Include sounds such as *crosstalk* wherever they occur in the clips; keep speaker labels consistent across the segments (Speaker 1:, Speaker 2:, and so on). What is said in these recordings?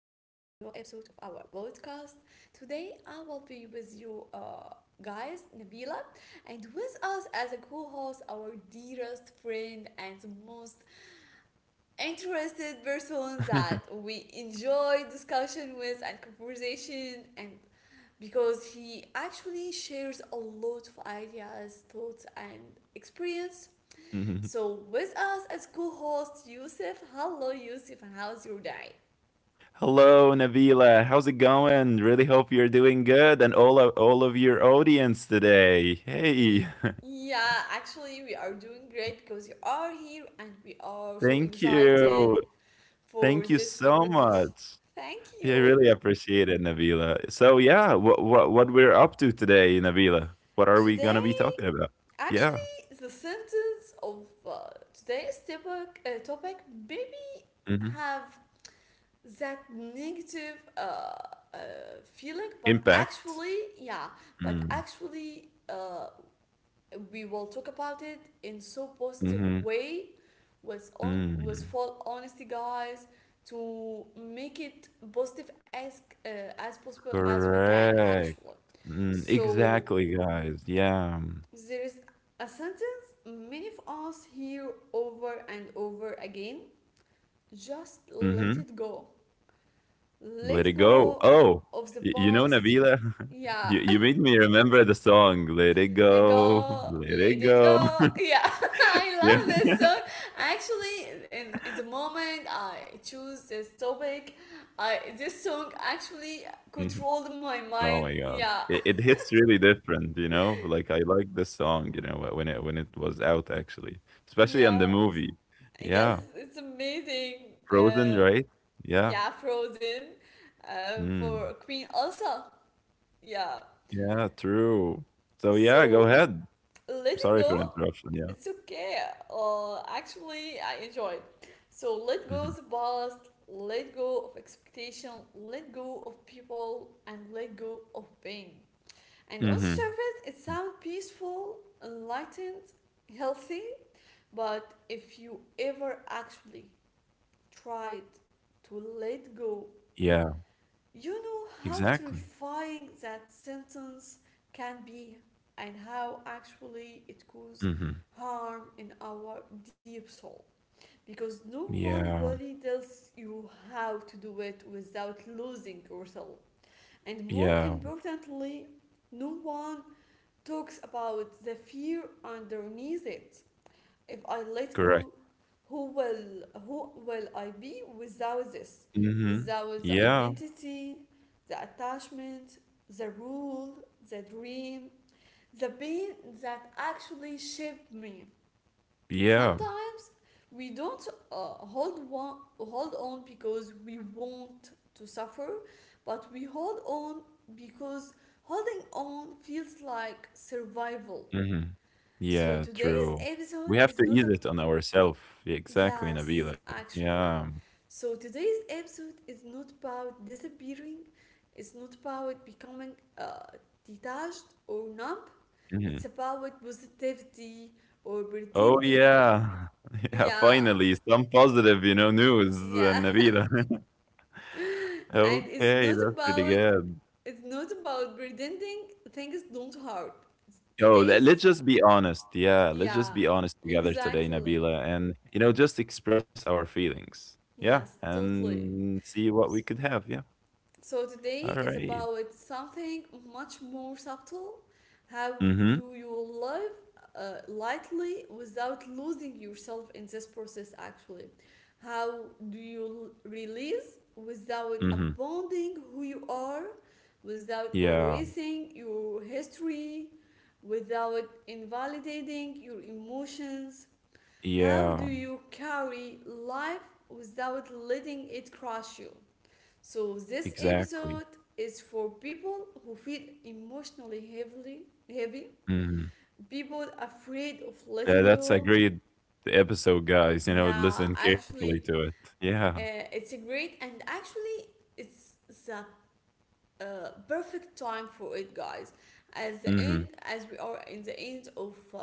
Speaker 1: our podcast. Today I will be with you, guys, Nabila, and with us as a co-host, our dearest friend and the most interested person that we enjoy discussion with and conversation and because he actually shares a lot of ideas, thoughts, and experience
Speaker 2: Mhm.
Speaker 1: so with us as co-host Yusuf. Hello Yusuf, and how's your day?
Speaker 2: Hello, Navila. How's it going? Really hope you're doing good and all of your audience today.
Speaker 1: Y-
Speaker 2: Hey, *laughs*
Speaker 1: yeah, actually we are doing great because you are here and we are so
Speaker 2: thank
Speaker 1: excited
Speaker 2: you. Thank
Speaker 1: for
Speaker 2: you
Speaker 1: this
Speaker 2: so
Speaker 1: conversation.
Speaker 2: much.
Speaker 1: Thank
Speaker 2: Yeah, I
Speaker 1: you.
Speaker 2: really appreciate it, Navila. So, yeah, what we're up to today, Navila? What are we gonna
Speaker 1: Today,
Speaker 2: be talking about? Yeah.
Speaker 1: actually, the sentence of today's topic, topic maybe
Speaker 2: hmm
Speaker 1: have that negative uh, feeling, but
Speaker 2: Impact.
Speaker 1: actually, yeah, but
Speaker 2: Mm.
Speaker 1: actually, we will talk about it in so positive
Speaker 2: hmm
Speaker 1: way, with on with
Speaker 2: Mm.
Speaker 1: full honesty, guys, to make it positive as possible as we can
Speaker 2: Correct.
Speaker 1: actually.
Speaker 2: Mm.
Speaker 1: So
Speaker 2: Exactly, guys. Yeah.
Speaker 1: there is a sentence many of us hear over and over again. Just
Speaker 2: hmm
Speaker 1: let it go.
Speaker 2: Let it
Speaker 1: Let
Speaker 2: go.
Speaker 1: go
Speaker 2: Oh,
Speaker 1: of the
Speaker 2: you know,
Speaker 1: past.
Speaker 2: Nabila, *laughs*
Speaker 1: Yeah,
Speaker 2: you made me remember the song Let It
Speaker 1: *laughs* let
Speaker 2: Go,
Speaker 1: go,
Speaker 2: Let
Speaker 1: let
Speaker 2: It
Speaker 1: it
Speaker 2: Go.
Speaker 1: go. Yeah, *laughs* I
Speaker 2: *laughs* yeah.
Speaker 1: love this
Speaker 2: *laughs*
Speaker 1: song. Actually, in the moment I choose this topic, I this song actually
Speaker 2: Mhm.
Speaker 1: controlled my
Speaker 2: Oh
Speaker 1: mind.
Speaker 2: my God.
Speaker 1: Yeah,
Speaker 2: It hits really different, you know? Like I like this song, you know, when it was out actually,
Speaker 1: *laughs*
Speaker 2: especially on the
Speaker 1: yeah,
Speaker 2: movie.
Speaker 1: yes,
Speaker 2: Yeah.
Speaker 1: it's amazing.
Speaker 2: Frozen, right? Yeah.
Speaker 1: Yeah, Frozen.
Speaker 2: Mm.
Speaker 1: For Queen Elsa. Yeah.
Speaker 2: Yeah, true. So yeah, go
Speaker 1: So
Speaker 2: ahead. I'm
Speaker 1: let it
Speaker 2: sorry for
Speaker 1: go.
Speaker 2: interruption. Yeah.
Speaker 1: It's okay. Actually, I enjoyed. So let go
Speaker 2: hmm
Speaker 1: of the past. Let go of expectation. Let go of people, and let go of pain. And on
Speaker 2: hmm
Speaker 1: surface, it sounds peaceful, enlightened, healthy. But if you ever actually tried to let go,
Speaker 2: Yeah,
Speaker 1: you know how
Speaker 2: exactly.
Speaker 1: terrifying that sentence can be and how actually it causes
Speaker 2: hmm
Speaker 1: harm in our deep soul because no one
Speaker 2: Yeah.
Speaker 1: really tells you how to do it without losing yourself. And more
Speaker 2: Yeah.
Speaker 1: importantly, no one talks about the fear underneath it. If I let
Speaker 2: Correct.
Speaker 1: go, who will I be without this?
Speaker 2: Mhm.
Speaker 1: Without the
Speaker 2: Yeah,
Speaker 1: identity, the attachment, the rule, the dream, the pain that actually shaped me.
Speaker 2: yeah.
Speaker 1: Sometimes we don't uh, hold on because we want to suffer, but we hold on because holding on feels like survival.
Speaker 2: Mhm.
Speaker 1: So
Speaker 2: Yeah,
Speaker 1: today's
Speaker 2: true.
Speaker 1: episode
Speaker 2: We have
Speaker 1: is
Speaker 2: to
Speaker 1: not
Speaker 2: ease
Speaker 1: a,
Speaker 2: it on ourselves. Exactly,
Speaker 1: yes,
Speaker 2: Nabila. Yeah.
Speaker 1: actually. So today's episode is not about disappearing, it's not about becoming detached or numb, it's
Speaker 2: Mhm.
Speaker 1: about positivity or
Speaker 2: Oh,
Speaker 1: pretending.
Speaker 2: yeah. *laughs* Yeah,
Speaker 1: Yeah,
Speaker 2: finally, some positive, you know, news,
Speaker 1: yeah. *laughs*
Speaker 2: Nabila. *laughs*
Speaker 1: And it's
Speaker 2: Okay,
Speaker 1: not
Speaker 2: that's pretty
Speaker 1: about
Speaker 2: good.
Speaker 1: pretending things don't hurt. It's
Speaker 2: Yo,
Speaker 1: today's
Speaker 2: let's just be honest. Yeah, let's
Speaker 1: yeah,
Speaker 2: just be honest together today,
Speaker 1: exactly.
Speaker 2: Nabila, and, you know, just express our feelings. Yeah,
Speaker 1: Yes, totally.
Speaker 2: and see what we could have. Yeah.
Speaker 1: So
Speaker 2: All
Speaker 1: today is
Speaker 2: right.
Speaker 1: about something much more subtle. How
Speaker 2: Mm-hmm.
Speaker 1: do you live lightly without losing yourself in this process actually? How do you release without
Speaker 2: Mm-hmm.
Speaker 1: abandoning who you are, without
Speaker 2: Yeah.
Speaker 1: erasing your history, without invalidating your emotions? How do
Speaker 2: Yeah,
Speaker 1: you carry life without letting it crush you? So, this
Speaker 2: exactly.
Speaker 1: episode is for people who feel emotionally heavily heavy,
Speaker 2: Mhm.
Speaker 1: people afraid of letting
Speaker 2: That's a
Speaker 1: go.
Speaker 2: great episode, guys, you know,
Speaker 1: Yeah,
Speaker 2: listen carefully
Speaker 1: actually,
Speaker 2: to it. Yeah.
Speaker 1: it's a great and actually, it's the perfect time for it, guys. As the end,
Speaker 2: Mhm.
Speaker 1: as we are in the end of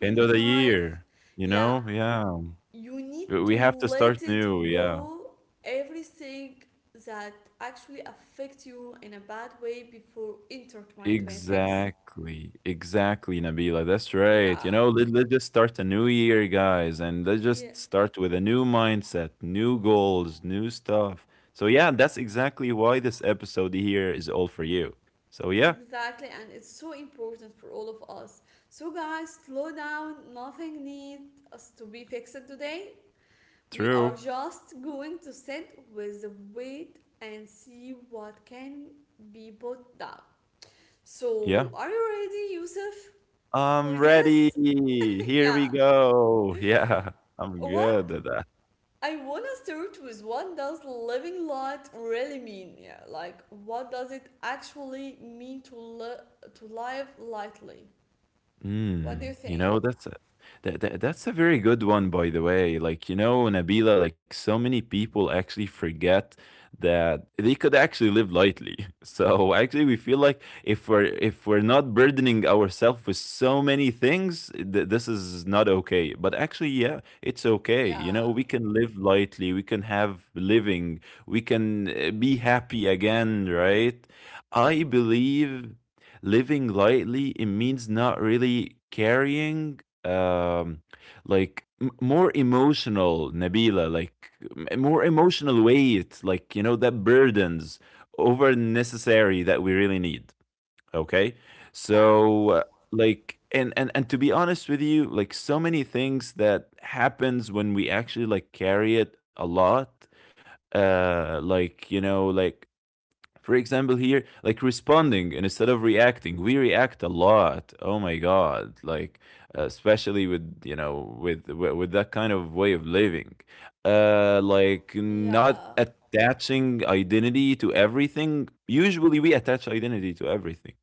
Speaker 2: End of the year, you
Speaker 1: yeah,
Speaker 2: know? Yeah.
Speaker 1: you
Speaker 2: We
Speaker 1: need to
Speaker 2: we have to start
Speaker 1: let it
Speaker 2: new, yeah.
Speaker 1: go everything that actually affects you in a bad way before enter 2026.
Speaker 2: Exactly, exactly, Nabila, that's right. You
Speaker 1: Yeah,
Speaker 2: know, let's just start a new year, guys, and let's
Speaker 1: yeah,
Speaker 2: just start with a new mindset, new goals, new stuff. So, yeah, that's exactly why this episode here is all for you. So, yeah,
Speaker 1: exactly, and it's so important for all of us. So guys, slow down, nothing needs us to be fixed today. We
Speaker 2: true.
Speaker 1: are just going to sit with the weight and see what can be put down. So
Speaker 2: Yeah.
Speaker 1: are you ready, Yusuf, for
Speaker 2: I'm ready.
Speaker 1: this? *laughs*
Speaker 2: Here we
Speaker 1: Yeah.
Speaker 2: go. *laughs* Yeah, I'm
Speaker 1: What
Speaker 2: good at that.
Speaker 1: I wanna start with, what does living light really mean? Yeah, like what does it actually mean to to live lightly? What
Speaker 2: Mm.
Speaker 1: do you
Speaker 2: You know,
Speaker 1: think?
Speaker 2: that that's a very good one, by the way. Like, you know, Nabila, like so many people actually forget that they could actually live lightly. *laughs* So actually, we feel like if we're not burdening ourselves with so many things, this is not okay. But actually, yeah, it's okay. You know,
Speaker 1: Yeah,
Speaker 2: we can live lightly. We can have living. We can be happy again, right? I believe living lightly it means not really carrying um like more emotional Nabila, like more emotional weight, like, you know, that burdens over necessary that we really need. Okay,
Speaker 1: yeah,
Speaker 2: so like and to be honest with you, like so many things that happens when we actually like carry it a lot, like, you know, like for example here, like responding and instead of reacting, we react a lot. Oh my god, like especially with, you know, with that kind of way of living, like not
Speaker 1: yeah,
Speaker 2: attaching identity to everything. Usually we attach identity to everything,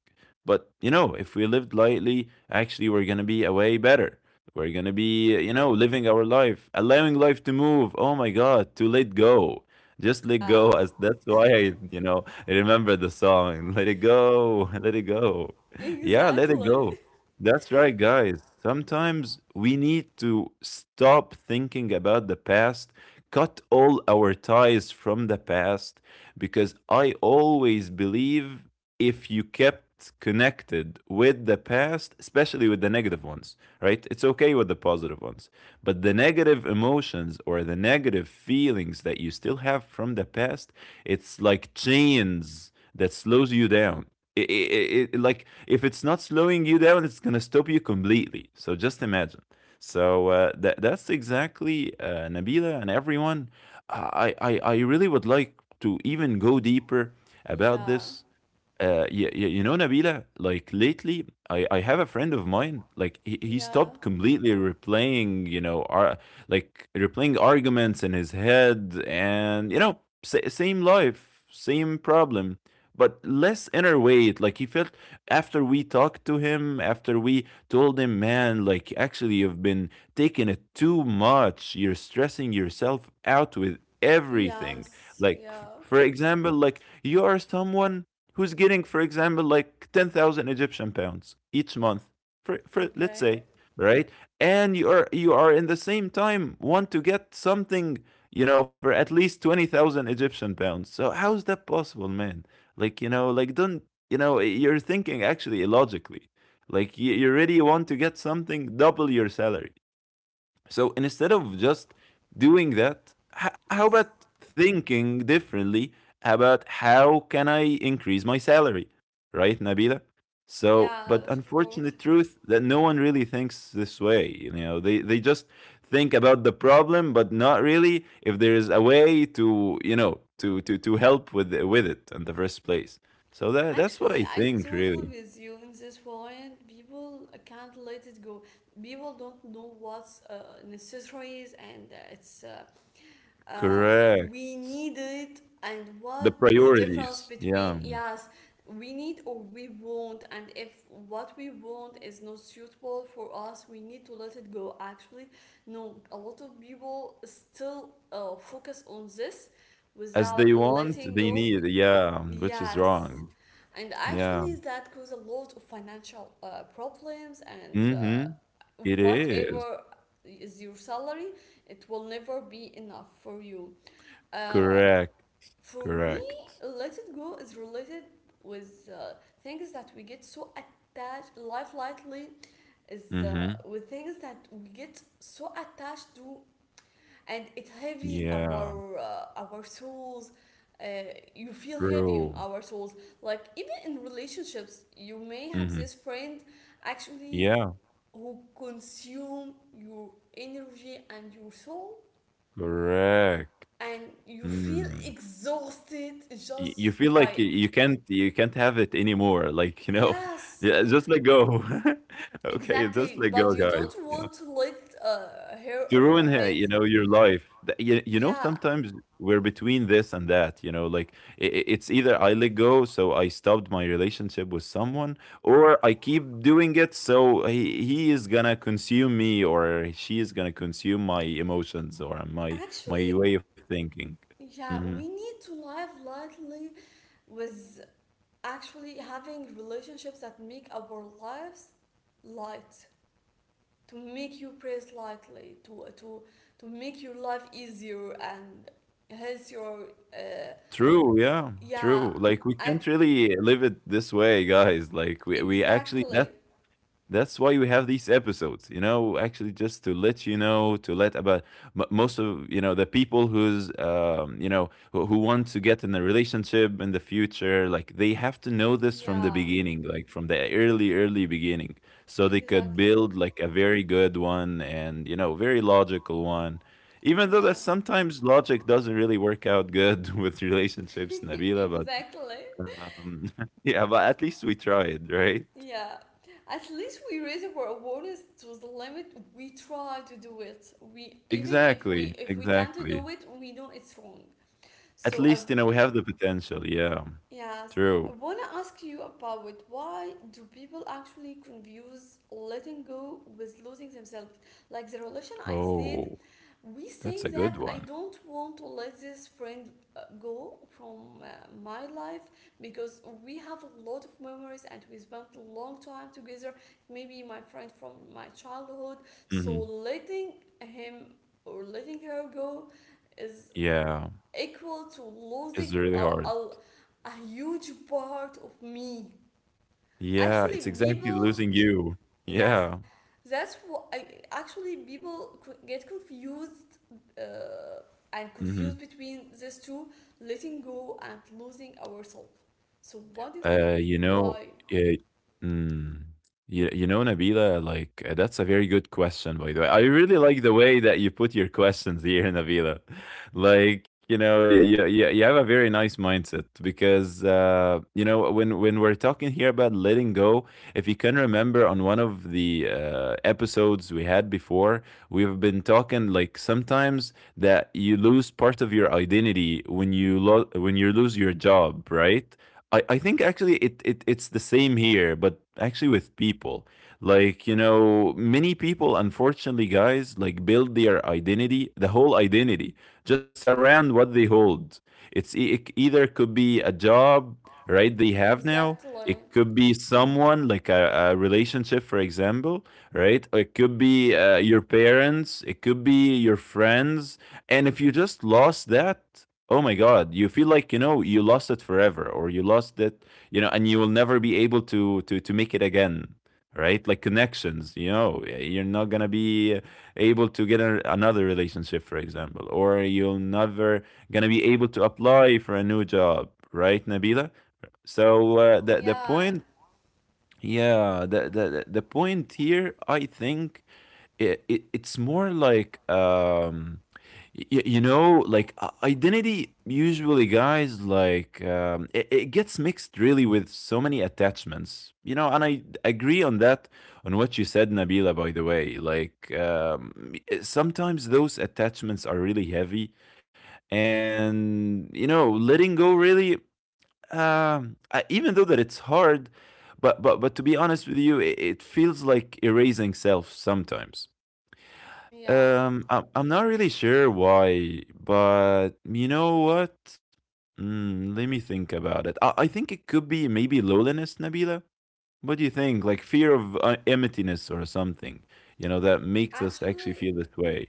Speaker 2: but you know, if we lived lightly, actually we're gonna be a way better. We're gonna be, you know, living our life, allowing life to move. Oh my god, to let go, just let go.
Speaker 1: yeah,
Speaker 2: As that's why I, you know, I remember the song. Let it go. *laughs* Let it go. Yeah, let it
Speaker 1: exactly.
Speaker 2: go. That's right, guys. Sometimes we need to stop thinking about the past, cut all our ties from the past, because I always believe if you kept connected with the past, especially with the negative ones, right? It's okay with the positive ones. But the negative emotions or the negative feelings that you still have from the past, it's like chains that slows you down. Like if it's not slowing you down, it's gonna stop you completely. So just imagine. So that that's exactly Nabila and everyone. I really would like to even go deeper
Speaker 1: *laughs*
Speaker 2: about
Speaker 1: yeah,
Speaker 2: this. You, you know, Nabila, like lately, I have a friend of mine, like he stopped
Speaker 1: yeah,
Speaker 2: completely replaying, you know, like replaying arguments in his head and, you know, same life, same problem, but less inner weight. Like he felt after we talked to him, after we told him, man, like actually you've been taking it too much. You're stressing yourself out with everything.
Speaker 1: yes,
Speaker 2: Like,
Speaker 1: yeah.
Speaker 2: for example, like you are someone who's getting, for example, like 10,000 Egyptian pounds each month, for let's
Speaker 1: Okay.
Speaker 2: say, right? And you are in the same time want to get something, you know, for at least 20,000 Egyptian pounds. So how is that possible, man? Like, you know, like don't, you know, you're thinking actually illogically. Like you really want to get something double your salary. So instead
Speaker 1: Yeah,
Speaker 2: of just doing that, how about
Speaker 1: yes.
Speaker 2: thinking differently about how can I increase my salary, right, Nabila? So, but
Speaker 1: Yes, of course.
Speaker 2: unfortunate truth that no one really thinks this way. You know, they just think about the problem, but not really if there is a way to, you know, to help with it in the first place. So that that's what
Speaker 1: Actually,
Speaker 2: I
Speaker 1: I
Speaker 2: think
Speaker 1: totally
Speaker 2: really.
Speaker 1: with you in this point. People can't let it go. People don't know what's necessary is and it's uh,
Speaker 2: Correct.
Speaker 1: we need it and
Speaker 2: The
Speaker 1: what is the difference
Speaker 2: priorities.
Speaker 1: between
Speaker 2: Yeah.
Speaker 1: yes we need or we want, and if what we want is not suitable for us, we need to let it go actually. No, a lot of people still focus on this
Speaker 2: As they
Speaker 1: without
Speaker 2: want,
Speaker 1: letting
Speaker 2: they
Speaker 1: go.
Speaker 2: need, yeah, which is
Speaker 1: Yes,
Speaker 2: wrong.
Speaker 1: and
Speaker 2: Yeah.
Speaker 1: actually, that caused a lot of financial problems. And
Speaker 2: Mhm. It is.
Speaker 1: whatever is your salary, it will never be enough for you. Uh,
Speaker 2: Correct.
Speaker 1: for me,
Speaker 2: Correct.
Speaker 1: let it go is related with things that we get so attached. Life lightly is
Speaker 2: Mhm.
Speaker 1: with things that we get so attached to and it heavy
Speaker 2: Yeah.
Speaker 1: our souls, uh, you feel heavy on
Speaker 2: True.
Speaker 1: our souls, like even in relationships you may have
Speaker 2: Mhm.
Speaker 1: this friend actually
Speaker 2: Yeah.
Speaker 1: who consume your energy and your soul
Speaker 2: Correct.
Speaker 1: and you feel
Speaker 2: Mm.
Speaker 1: exhausted
Speaker 2: You feel
Speaker 1: just
Speaker 2: like
Speaker 1: by
Speaker 2: you can't have it anymore. Like, you know, *laughs*
Speaker 1: yes
Speaker 2: yeah, just let go. *laughs* Okay, just
Speaker 1: exactly
Speaker 2: let
Speaker 1: but
Speaker 2: go,
Speaker 1: you don't
Speaker 2: guys.
Speaker 1: want to let her
Speaker 2: To ruin
Speaker 1: or
Speaker 2: her, you
Speaker 1: his
Speaker 2: know, your life. You, you know,
Speaker 1: yeah
Speaker 2: sometimes we're between this and that, you know, like it's either I let go, so I stopped my relationship with someone, or I keep doing it, so he is gonna consume me, or she is gonna consume my emotions or my
Speaker 1: actually.
Speaker 2: my way of thinking.
Speaker 1: Yeah,
Speaker 2: hmm
Speaker 1: we need to live lightly with actually having relationships that make our lives light, to make you praise lightly, to make your life easier and hence your uh,
Speaker 2: True, yeah,
Speaker 1: yeah,
Speaker 2: true. Like we
Speaker 1: I
Speaker 2: can't really live it this way, guys. Like we actually
Speaker 1: exactly.
Speaker 2: that That's why we have these episodes, you know, actually just to let you know, to let about most of, you know, the people who's, you know, who want to get in a relationship in the future, like they have to know this from the
Speaker 1: Yeah,
Speaker 2: beginning, like from the early, early beginning. So they could
Speaker 1: exactly.
Speaker 2: build like a very good one and, you know, very logical one. Even though
Speaker 1: Yeah,
Speaker 2: that sometimes logic doesn't really work out good *laughs* with relationships,
Speaker 1: *laughs*
Speaker 2: Nabila, but
Speaker 1: exactly.
Speaker 2: *laughs* yeah, but at least we tried, right?
Speaker 1: Yeah, at least we raise our awareness to the limit. We try to do it. We even
Speaker 2: Exactly,
Speaker 1: if we can't
Speaker 2: exactly.
Speaker 1: do it, we know it's wrong.
Speaker 2: At least,
Speaker 1: So
Speaker 2: you
Speaker 1: I
Speaker 2: know, we have the potential. Yeah,
Speaker 1: yes,
Speaker 2: true.
Speaker 1: I wanna ask you about it. Why do people actually confuse letting go with losing themselves? Like the relation I said,
Speaker 2: Oh,
Speaker 1: we
Speaker 2: that's a
Speaker 1: say
Speaker 2: good
Speaker 1: that
Speaker 2: one.
Speaker 1: I don't want to let this friend go from my life because we have a lot of memories and we spent a long time together. Maybe my friend from my childhood. So
Speaker 2: hmm
Speaker 1: letting him or letting her go is
Speaker 2: Yeah,
Speaker 1: equal to
Speaker 2: it's
Speaker 1: losing
Speaker 2: really hard.
Speaker 1: a huge part of me.
Speaker 2: Yeah,
Speaker 1: Actually,
Speaker 2: it's exactly
Speaker 1: people,
Speaker 2: losing you.
Speaker 1: yes,
Speaker 2: Yeah.
Speaker 1: that's what I, actually people get confused uh, and confused
Speaker 2: hmm
Speaker 1: between these two, letting go and losing ourselves. So, what do you think?
Speaker 2: You
Speaker 1: Why?
Speaker 2: know, uh, mm, you, you know, Nabila, like that's a very good question, by the way. I really like the way that you put your questions here, *laughs* Nabila. Like, you know, you have a very nice mindset because, you know, when we're talking here about letting go, if you can remember on one of the episodes we had before, we've been talking like sometimes that you lose part of your identity when when you lose your job, right? I think actually it it's the same here, but actually with people. Like, you know, many people, unfortunately, guys, like build their identity, the whole identity, just around what they hold. It's it either could be a job, right, they have
Speaker 1: Exactly.
Speaker 2: now. It could be someone, like a relationship, for example, right? Or it could be your parents. It could be your friends. And if you just lost that, oh my God, you feel like, you know, you lost it forever or you lost it, you know, and you will never be able to make it again, right? Like connections, you know, you're not gonna be able to get another relationship, for example, or you'll never gonna be able to apply for a new job, right, Nabila? So
Speaker 1: Yeah,
Speaker 2: yeah, the point here, I think it it's more like you, you know, like identity usually, guys, like it, it gets mixed really with so many attachments, you know, and I agree on that, on what you said, Nabila, by the way, like sometimes those attachments are really heavy, and you know, letting go really even though that it's hard, but to be honest with you, it feels like erasing self sometimes.
Speaker 1: yeah.
Speaker 2: I'm not really sure why, but you know what? Mm, let me think about it. I think it could be maybe loneliness, Nabila. What do you think? Like fear of emptiness or something, you know, that makes us actually
Speaker 1: Actually,
Speaker 2: feel this way.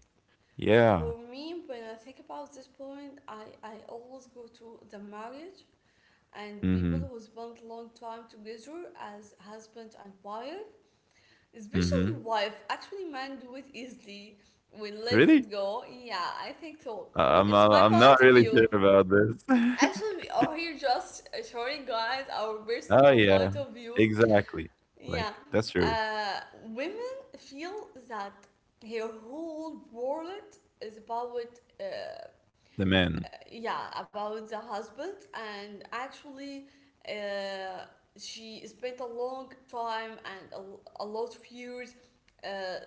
Speaker 2: Yeah.
Speaker 1: for me, when I think about this point, I always go to the marriage and people
Speaker 2: Mm-hmm.
Speaker 1: who spent long time together as husband and wife, especially
Speaker 2: Mm-hmm.
Speaker 1: wife. Actually men do it easily, we let
Speaker 2: Really?
Speaker 1: it go, yeah, I think so.
Speaker 2: I- I'm
Speaker 1: It's
Speaker 2: I'm
Speaker 1: my
Speaker 2: I'm not
Speaker 1: point of
Speaker 2: really
Speaker 1: view,
Speaker 2: sure about this.
Speaker 1: actually we
Speaker 2: *laughs*
Speaker 1: are here just showing guys our
Speaker 2: Oh
Speaker 1: personal
Speaker 2: yeah,
Speaker 1: point of view.
Speaker 2: exactly. Like
Speaker 1: Yeah,
Speaker 2: that's true.
Speaker 1: uh, women feel that her whole world is about uh,
Speaker 2: The man.
Speaker 1: yeah, about the husband, and actually uh, she spent a long time and a lot of years,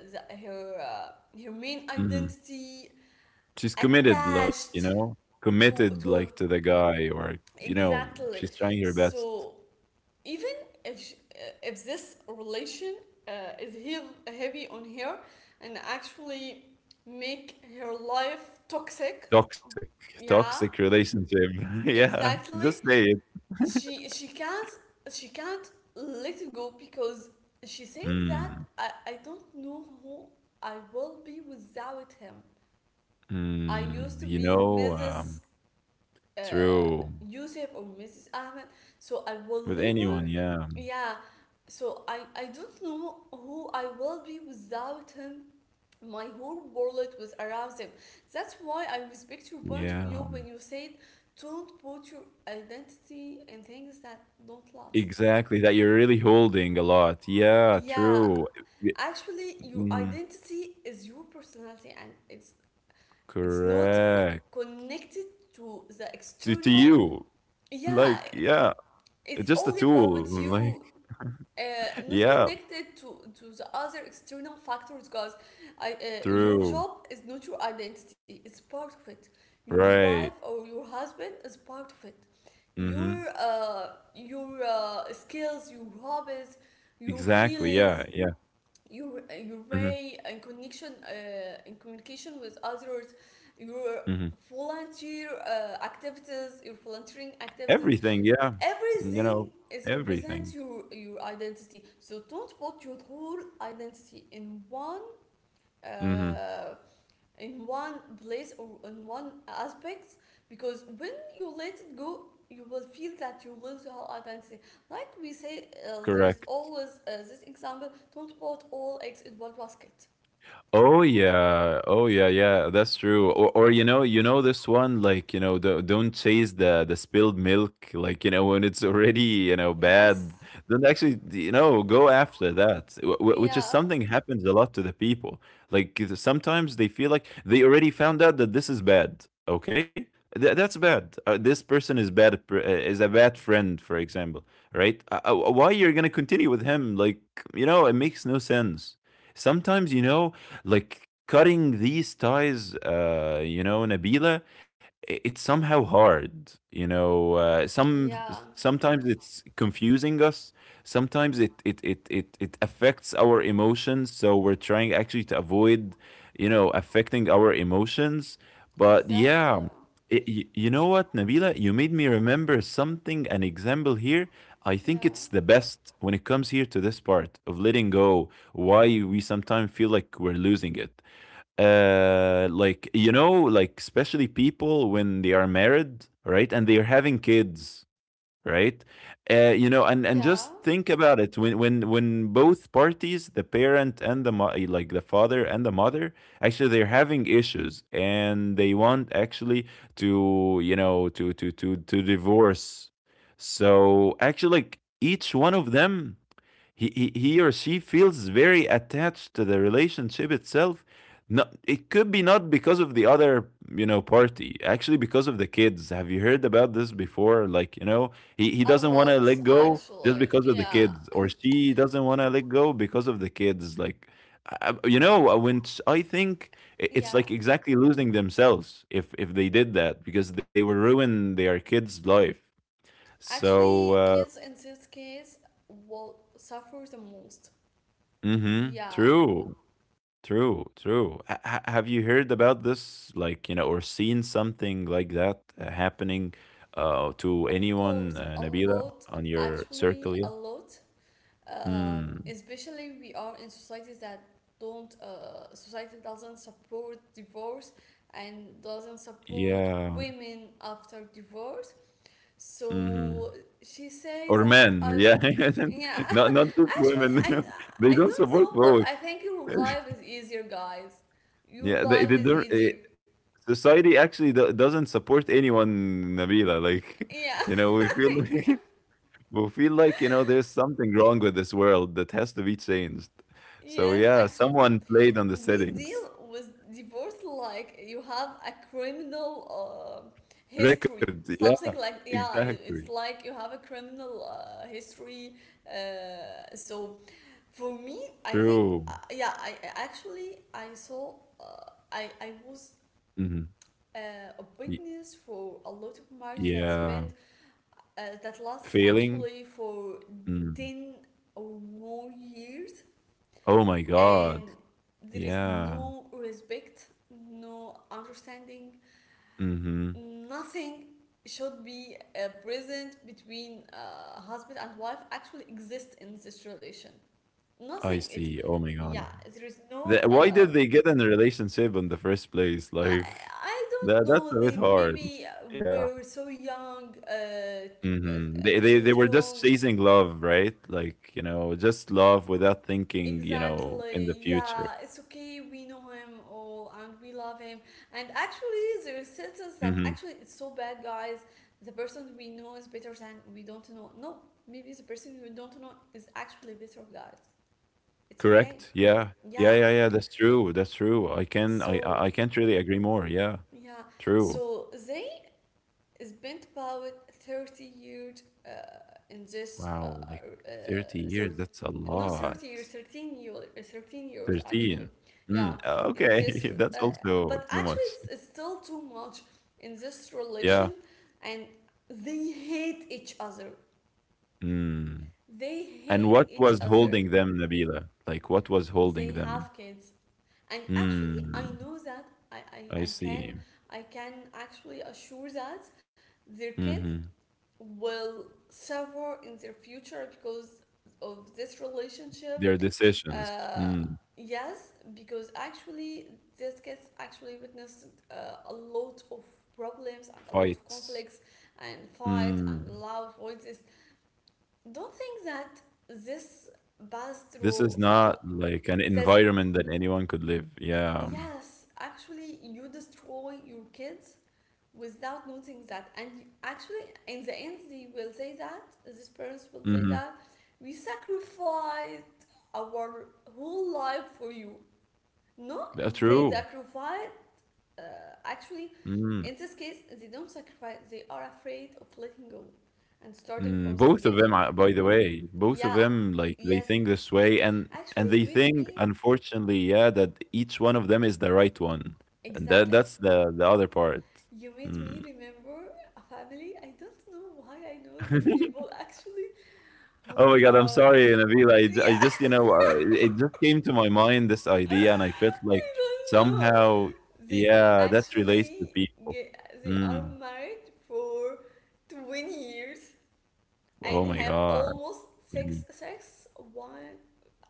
Speaker 1: the, her her main
Speaker 2: Mm-hmm.
Speaker 1: identity
Speaker 2: She's committed, like, you
Speaker 1: attached
Speaker 2: know,
Speaker 1: to
Speaker 2: committed,
Speaker 1: to
Speaker 2: like,
Speaker 1: him.
Speaker 2: to the guy or, you know,
Speaker 1: Exactly.
Speaker 2: she's trying her best.
Speaker 1: So even if sh if this relation uh, is heavy on her and actually make her life toxic,
Speaker 2: Toxic,
Speaker 1: yeah
Speaker 2: toxic relationship. *laughs* Yeah,
Speaker 1: exactly,
Speaker 2: just say it.
Speaker 1: she she can't she can't let it go because she says that
Speaker 2: Mm,
Speaker 1: I don't know who I will be without him. I
Speaker 2: mm,
Speaker 1: used to
Speaker 2: you
Speaker 1: be
Speaker 2: know,
Speaker 1: Mrs.
Speaker 2: um,
Speaker 1: Uh,
Speaker 2: true.
Speaker 1: Yusuf or Mrs. Ahmed, so I will
Speaker 2: With
Speaker 1: never.
Speaker 2: anyone, yeah,
Speaker 1: Yeah, so I don't know who I will be without him. My whole world was around him. That's why I respect your point of
Speaker 2: yeah,
Speaker 1: view when
Speaker 2: um,
Speaker 1: you said don't put your identity in things that don't last.
Speaker 2: exactly. That you're really holding a lot. Yeah,
Speaker 1: Yeah,
Speaker 2: true. Y-
Speaker 1: actually, your
Speaker 2: mm,
Speaker 1: identity is your personality, and it's not co-
Speaker 2: correct.
Speaker 1: connected to the
Speaker 2: To
Speaker 1: external.
Speaker 2: you,
Speaker 1: Yeah,
Speaker 2: like, yeah,
Speaker 1: it's
Speaker 2: just
Speaker 1: all
Speaker 2: a tool. *laughs*
Speaker 1: about
Speaker 2: Like,
Speaker 1: you. Not
Speaker 2: yeah,
Speaker 1: connected to the other external factors because your
Speaker 2: true.
Speaker 1: job is not your identity, it's part of it, your wife
Speaker 2: Right.
Speaker 1: or your husband is part of it,
Speaker 2: Mhm.
Speaker 1: your uh, your skills, your hobbies, your
Speaker 2: Exactly, yeah,
Speaker 1: feelings,
Speaker 2: yeah.
Speaker 1: your
Speaker 2: Mhm,
Speaker 1: way and connection in communication with others, your
Speaker 2: mhm.
Speaker 1: volunteer activities your volunteering activities,
Speaker 2: Everything, yeah. Mm, you
Speaker 1: everything
Speaker 2: know,
Speaker 1: is represents
Speaker 2: everything.
Speaker 1: your identity. So don't put your whole identity in one
Speaker 2: Mhm,
Speaker 1: uh, in one place or in one aspect, because when you let it go you will feel that you lose your identity. Like we say, there's
Speaker 2: correct.
Speaker 1: always this example, don't put all eggs in one basket.
Speaker 2: Oh yeah, oh yeah, yeah. That's true. Or, or this one. Don't chase the spilled milk. When it's *laughs* already bad,
Speaker 1: Yes.
Speaker 2: don't actually go after that. Which is
Speaker 1: Yeah,
Speaker 2: something happens a lot to the people. Like sometimes they feel like they already found out that this is bad. Okay, that's bad. This person is bad. Is a bad friend, for example. Right? Why you're gonna continue with him? Like it makes no sense. Sometimes like cutting these ties, Nabila, it's somehow hard. You know,
Speaker 1: yeah,
Speaker 2: sometimes it's confusing us. Sometimes it affects our emotions. So we're trying actually to avoid, affecting our emotions. But yeah.
Speaker 1: exactly.
Speaker 2: You know what, Nabila? You made me remember something, an example here. I think
Speaker 1: Yeah,
Speaker 2: it's the best when it comes here to this part of letting go why we sometimes feel like we're losing it. Like especially people when they are married, right, and they are having kids, right? You know, and just
Speaker 1: yeah,
Speaker 2: think about it when when both parties, the parent and like the father and the mother, actually they're having issues and they want actually to to divorce. So actually, like each one of them he or she feels very attached to the relationship itself. No, it could be not because of the other, you know, party, actually because of the kids. Have you heard about this before? Like, you know, he
Speaker 1: a
Speaker 2: doesn't want to
Speaker 1: lot
Speaker 2: let go just
Speaker 1: actually,
Speaker 2: because of the
Speaker 1: yeah.
Speaker 2: kids, or she doesn't want to let go because of the kids. Like, I think it's
Speaker 1: Yeah,
Speaker 2: like exactly losing themselves if they did that, because they will ruin their kids' life. so
Speaker 1: actually
Speaker 2: uh
Speaker 1: kids in this case will suffer the most.
Speaker 2: mm-hmm,
Speaker 1: Yeah.
Speaker 2: true. True, true. Have you heard about this, like, you know, or seen something like that happening to
Speaker 1: Of
Speaker 2: anyone,
Speaker 1: course, a
Speaker 2: Nabila,
Speaker 1: lot,
Speaker 2: on your circle?
Speaker 1: actually,
Speaker 2: Yeah.
Speaker 1: a lot.
Speaker 2: Hmm.
Speaker 1: Especially we are in societies that don't, society doesn't support divorce and doesn't support
Speaker 2: Yeah.
Speaker 1: women after divorce.
Speaker 2: Hmm.
Speaker 1: So she says
Speaker 2: Or
Speaker 1: that
Speaker 2: men. Yeah.
Speaker 1: yeah, *laughs*
Speaker 2: *laughs* Not not just
Speaker 1: actually,
Speaker 2: women. *laughs* They
Speaker 1: I
Speaker 2: don't
Speaker 1: don't
Speaker 2: support
Speaker 1: know, but
Speaker 2: both.
Speaker 1: I think your life
Speaker 2: *laughs*
Speaker 1: is easier, guys.
Speaker 2: Yeah.
Speaker 1: Your
Speaker 2: They
Speaker 1: life is
Speaker 2: don't.
Speaker 1: easier.
Speaker 2: Society actually doesn't support anyone, Nabila. Like,
Speaker 1: Yeah.
Speaker 2: *laughs* you know, we feel
Speaker 1: *laughs*
Speaker 2: like. We feel like, you know, there's something wrong with this world that has to be changed. So
Speaker 1: Yes,
Speaker 2: yeah,
Speaker 1: actually,
Speaker 2: someone played on the
Speaker 1: we deal
Speaker 2: settings.
Speaker 1: with divorce like you have a criminal history
Speaker 2: Record, yeah,
Speaker 1: something like yeah,
Speaker 2: exactly.
Speaker 1: it's like you have a criminal history, so for me I think,
Speaker 2: True.
Speaker 1: yeah, I actually I saw I was
Speaker 2: Mhm.
Speaker 1: uh, a
Speaker 2: Y-
Speaker 1: witness for a lot of marriage that
Speaker 2: yeah.
Speaker 1: spent that lasts
Speaker 2: Failing?
Speaker 1: actually for
Speaker 2: Mm.
Speaker 1: 10 or more years
Speaker 2: Oh my
Speaker 1: and
Speaker 2: God.
Speaker 1: there is
Speaker 2: Yeah.
Speaker 1: no respect, no understanding,
Speaker 2: Hmm.
Speaker 1: nothing should be present between husband and wife actually exists in this relation. Nothing.
Speaker 2: I
Speaker 1: It's
Speaker 2: see. Oh my
Speaker 1: yeah.
Speaker 2: God.
Speaker 1: There is no.
Speaker 2: The, why did they get in a relationship in the first place?
Speaker 1: I,
Speaker 2: Like,
Speaker 1: I don't
Speaker 2: that that's
Speaker 1: know.
Speaker 2: a bit
Speaker 1: They
Speaker 2: hard.
Speaker 1: maybe
Speaker 2: Yeah.
Speaker 1: were so young.
Speaker 2: Mhm.
Speaker 1: I
Speaker 2: They
Speaker 1: choose
Speaker 2: were just
Speaker 1: wrong.
Speaker 2: chasing love, right? Like, you know, just love without thinking, you know, in
Speaker 1: Exactly.
Speaker 2: the
Speaker 1: Yeah,
Speaker 2: future.
Speaker 1: it's okay. We know him all and we love him. And actually, there is sentence that
Speaker 2: Mhm.
Speaker 1: actually it's so bad, guys. The person we know is better than we don't know. No, maybe the person we don't know is actually better, guys. It's okay.
Speaker 2: Correct? Yeah.
Speaker 1: Yeah.
Speaker 2: Yeah, that's true. That's true. I can
Speaker 1: So,
Speaker 2: I can't really agree more. Yeah.
Speaker 1: yeah.
Speaker 2: True.
Speaker 1: So they spent about 30 years, in this
Speaker 2: Wow, like 30
Speaker 1: thir-
Speaker 2: years, that's a
Speaker 1: not
Speaker 2: lot.
Speaker 1: 30 years, 13 years actually.
Speaker 2: 13.
Speaker 1: Yeah,
Speaker 2: Mm,
Speaker 1: in this,
Speaker 2: okay, *laughs* that's also
Speaker 1: but
Speaker 2: too
Speaker 1: actually
Speaker 2: much.
Speaker 1: it's still too much in this
Speaker 2: Yeah.
Speaker 1: relation, and they hate each other,
Speaker 2: Mm.
Speaker 1: they
Speaker 2: And
Speaker 1: hate
Speaker 2: what
Speaker 1: each
Speaker 2: was
Speaker 1: other
Speaker 2: holding them, Nabila? Like what was holding
Speaker 1: they have
Speaker 2: them?
Speaker 1: kids. And actually I
Speaker 2: Mm,
Speaker 1: know that i
Speaker 2: I
Speaker 1: i, I can
Speaker 2: see.
Speaker 1: I can actually assure that their kids
Speaker 2: Mm-hmm.
Speaker 1: will suffer in their future because of this relationship.
Speaker 2: Their decisions,
Speaker 1: uh,
Speaker 2: mm,
Speaker 1: yes, because actually these kids actually witnessed a lot of problems and a lot of
Speaker 2: fights.
Speaker 1: conflicts and fights
Speaker 2: Mm.
Speaker 1: and loud voices. Don't think that this pass
Speaker 2: This
Speaker 1: through,
Speaker 2: is not like an
Speaker 1: that
Speaker 2: environment that anyone could live. Yeah.
Speaker 1: yes, actually you destroy your kids without noting that. And actually, in the end, they will say that, these parents will say
Speaker 2: Mhm.
Speaker 1: that, we sacrificed our whole life for you. No,
Speaker 2: Yeah,
Speaker 1: they
Speaker 2: true.
Speaker 1: sacrifice. Uh, actually,
Speaker 2: Mm.
Speaker 1: in this case they don't sacrifice, they are afraid of letting go and starting
Speaker 2: Mm.
Speaker 1: from the
Speaker 2: Both of them,
Speaker 1: beginning.
Speaker 2: by the way, both of
Speaker 1: Yeah,
Speaker 2: them, like they
Speaker 1: yes.
Speaker 2: think this way, and
Speaker 1: Actually,
Speaker 2: they
Speaker 1: you made
Speaker 2: think,
Speaker 1: me
Speaker 2: unfortunately, yeah, that each one of them is the right one, and that
Speaker 1: exactly.
Speaker 2: that's the other part.
Speaker 1: You made
Speaker 2: Mm.
Speaker 1: me remember a family. I don't know why I know these
Speaker 2: *laughs*
Speaker 1: people actually,
Speaker 2: Oh
Speaker 1: who
Speaker 2: my god, I'm
Speaker 1: are
Speaker 2: sorry, Nabila.
Speaker 1: yeah,
Speaker 2: I just, you know, it just came to my mind this idea, and I felt
Speaker 1: I
Speaker 2: like
Speaker 1: don't know.
Speaker 2: somehow,
Speaker 1: They
Speaker 2: yeah, that relates to
Speaker 1: actually
Speaker 2: people.
Speaker 1: ge- they are
Speaker 2: Mm.
Speaker 1: married for 20 years,
Speaker 2: Oh
Speaker 1: and
Speaker 2: my
Speaker 1: have
Speaker 2: god,
Speaker 1: almost six
Speaker 2: Vinny.
Speaker 1: six one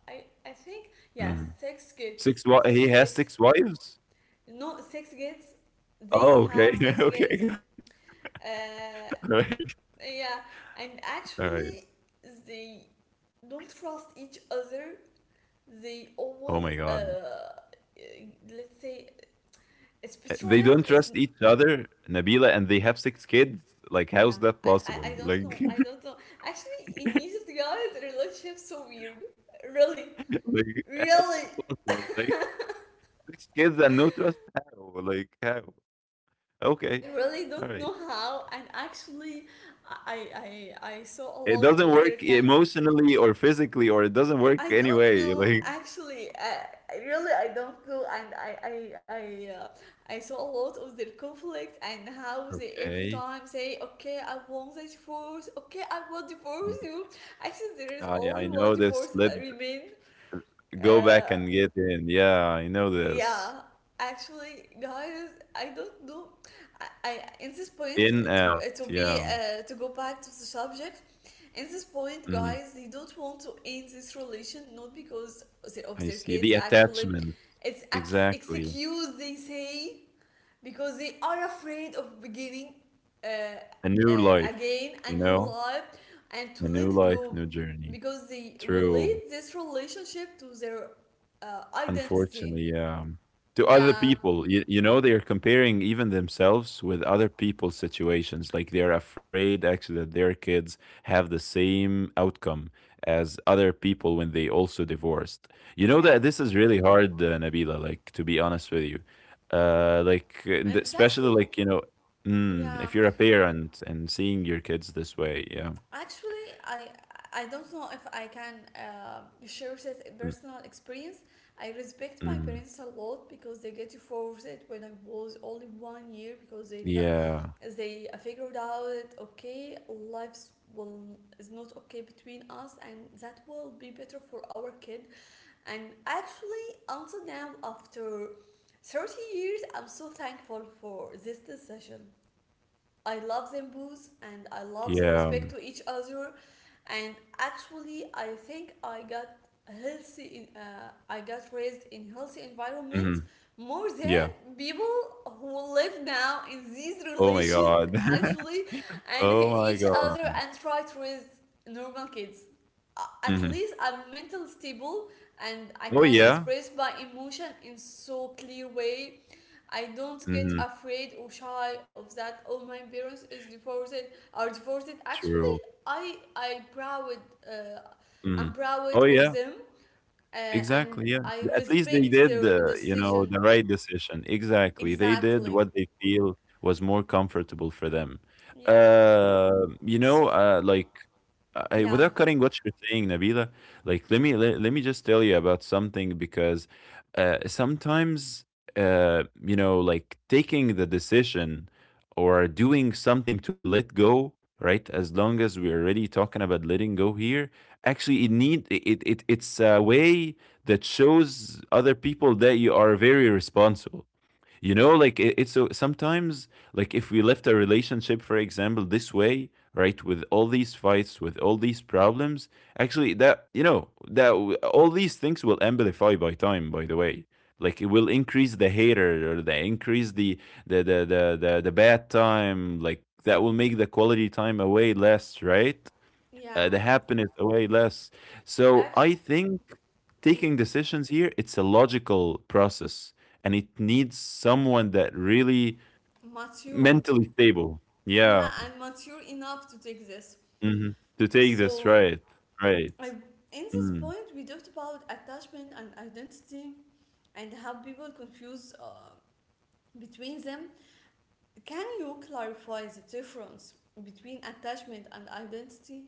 Speaker 1: I think, yeah,
Speaker 2: Mm.
Speaker 1: six kids.
Speaker 2: Six.
Speaker 1: Six
Speaker 2: He has
Speaker 1: kids
Speaker 2: six wives.
Speaker 1: no Six kids, they
Speaker 2: Oh, okay,
Speaker 1: have
Speaker 2: *laughs*
Speaker 1: six
Speaker 2: okay.
Speaker 1: kids.
Speaker 2: *laughs*
Speaker 1: uh
Speaker 2: All right.
Speaker 1: yeah, and
Speaker 2: All right.
Speaker 1: actually they don't trust each other. They
Speaker 2: Oh
Speaker 1: always,
Speaker 2: my god.
Speaker 1: let's say, it's
Speaker 2: They
Speaker 1: betrayal
Speaker 2: don't
Speaker 1: is,
Speaker 2: trust each other, Nabila, and they have six kids. Like,
Speaker 1: yeah.
Speaker 2: how's that
Speaker 1: I,
Speaker 2: possible?
Speaker 1: I I don't
Speaker 2: Like,
Speaker 1: know. I don't know. Actually, in Egypt, guys, relationships so weird. Really,
Speaker 2: *laughs* like how's that
Speaker 1: really.
Speaker 2: possible? Like, six kids and no trust. How? Like, how?
Speaker 1: I
Speaker 2: Okay.
Speaker 1: really
Speaker 2: All
Speaker 1: don't
Speaker 2: right.
Speaker 1: know how. And actually, I I I saw a
Speaker 2: It
Speaker 1: lot
Speaker 2: doesn't
Speaker 1: of
Speaker 2: work
Speaker 1: their kind.
Speaker 2: emotionally or physically, or it doesn't
Speaker 1: I
Speaker 2: work
Speaker 1: don't
Speaker 2: anyway.
Speaker 1: know.
Speaker 2: *laughs*
Speaker 1: Actually, I really I don't know. And I. Uh, I saw a lot of their conflict and how
Speaker 2: Like,
Speaker 1: they every
Speaker 2: okay.
Speaker 1: time say, okay, I want the divorce, okay, I want divorce
Speaker 2: Mm.
Speaker 1: you. Actually, there is only
Speaker 2: I
Speaker 1: one
Speaker 2: know this.
Speaker 1: divorce,
Speaker 2: Let
Speaker 1: remain.
Speaker 2: go back
Speaker 1: uh,
Speaker 2: and get in. Yeah, I know
Speaker 1: yeah,
Speaker 2: this.
Speaker 1: actually, guys, I don't know. I In this point,
Speaker 2: In,
Speaker 1: to
Speaker 2: out. Yeah.
Speaker 1: to go back to the subject. In this point,
Speaker 2: Mhm.
Speaker 1: guys, they don't want to end this relation, not because of
Speaker 2: I
Speaker 1: their
Speaker 2: see. The
Speaker 1: kids. Actually,
Speaker 2: attachment.
Speaker 1: it's
Speaker 2: Exactly.
Speaker 1: excuse they say, because they are afraid of beginning, uh,
Speaker 2: A new
Speaker 1: uh,
Speaker 2: life,
Speaker 1: again,
Speaker 2: you
Speaker 1: a new
Speaker 2: know?
Speaker 1: life,
Speaker 2: A
Speaker 1: and to
Speaker 2: new
Speaker 1: let it
Speaker 2: life, new
Speaker 1: go,
Speaker 2: journey.
Speaker 1: because they
Speaker 2: True.
Speaker 1: relate this relationship to their, identity.
Speaker 2: Unfortunately, yeah. To other
Speaker 1: Yeah,
Speaker 2: people, you know, they're comparing even themselves with other people's situations. Like they're afraid actually that their kids have the same outcome as other people when they also divorced. You know that
Speaker 1: yeah,
Speaker 2: this is really hard, Nabila, like to be honest with you. Like, and
Speaker 1: and that's
Speaker 2: especially
Speaker 1: who.
Speaker 2: like, you know, mm, if
Speaker 1: Yeah,
Speaker 2: you're a parent and seeing your kids this way, yeah.
Speaker 1: actually, I don't know if I can share this
Speaker 2: Mm,
Speaker 1: personal experience. I respect my
Speaker 2: mm.
Speaker 1: parents a lot because they get divorced when I was only 1 year, because they felt,
Speaker 2: Yeah.
Speaker 1: they figured out, okay, lives will is not okay between us, and that will be better for our kid. And actually, until now, after 30 years, I'm so thankful for this decision. I love them both, and I love the
Speaker 2: Yeah.
Speaker 1: respect to each other. And actually, I think I got healthy. I got raised in healthy environment,
Speaker 2: Mhm,
Speaker 1: more than
Speaker 2: yeah.
Speaker 1: people who live now in this
Speaker 2: Oh my
Speaker 1: relation
Speaker 2: God.
Speaker 1: actually,
Speaker 2: *laughs*
Speaker 1: and
Speaker 2: Oh
Speaker 1: hate
Speaker 2: my
Speaker 1: each other,
Speaker 2: god.
Speaker 1: and try to raise normal kids. At
Speaker 2: Mhm.
Speaker 1: least I'm mental stable, and I
Speaker 2: Oh,
Speaker 1: can
Speaker 2: yeah.
Speaker 1: express my emotion in so clear way. I don't get
Speaker 2: Mhm.
Speaker 1: afraid or shy of that. All my parents is divorced, are divorced. Actually,
Speaker 2: True.
Speaker 1: I I proud, uh, I'm
Speaker 2: Mhm.
Speaker 1: proud
Speaker 2: Oh,
Speaker 1: of
Speaker 2: yeah.
Speaker 1: them, and
Speaker 2: Exactly, yeah.
Speaker 1: I
Speaker 2: At least
Speaker 1: respect
Speaker 2: they
Speaker 1: their
Speaker 2: did, you
Speaker 1: decision.
Speaker 2: know, the right decision. Exactly. They did
Speaker 1: Exactly.
Speaker 2: what they feel was more comfortable for them.
Speaker 1: Yeah.
Speaker 2: Uh, you know,
Speaker 1: So,
Speaker 2: like.
Speaker 1: yeah,
Speaker 2: Without cutting what you're saying, Nabila, like let me just tell you about something, because sometimes you know, like taking the decision or doing something to let go, right? As long as we're already talking about letting go here, actually, it need it it's a way that shows other people that you are very responsible. You know, like it's so sometimes, like if we left a relationship, for example, this way, right, with all these fights, with all these problems, actually, that you know that all these things will amplify by time, by the way. Like it will increase the hater, or the increase the the bad time, like that will make the quality time away less, right?
Speaker 1: yeah.
Speaker 2: Uh, the happiness away less. So
Speaker 1: Actually,
Speaker 2: I think taking decisions here, it's a logical process and it needs someone that really
Speaker 1: mature.
Speaker 2: mentally stable.
Speaker 1: Yeah,
Speaker 2: Yeah.
Speaker 1: and mature enough to take this.
Speaker 2: Hmm. To take this
Speaker 1: So
Speaker 2: right. Right.
Speaker 1: in this
Speaker 2: Mm,
Speaker 1: point, we talked about attachment and identity, and how people confuse, between them. Can you clarify the difference between attachment and identity?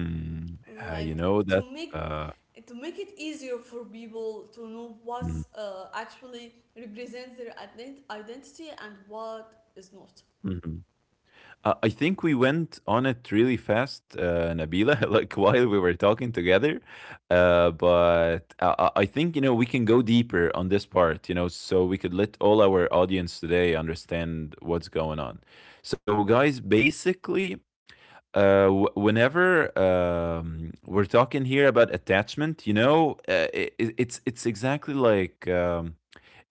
Speaker 2: mm. Yeah,
Speaker 1: Like,
Speaker 2: you
Speaker 1: to
Speaker 2: know that
Speaker 1: make
Speaker 2: uh,
Speaker 1: to make it easier for people to know what
Speaker 2: mm,
Speaker 1: actually represents their identity and what is not.
Speaker 2: mhm. I think we went on it really fast, Nabila, *laughs* like while we were talking together. But I think, you know, we can go deeper on this part, you know, so we could let all our audience today understand what's going on. So, guys, basically, whenever we're talking here about attachment, you know, it's exactly like um,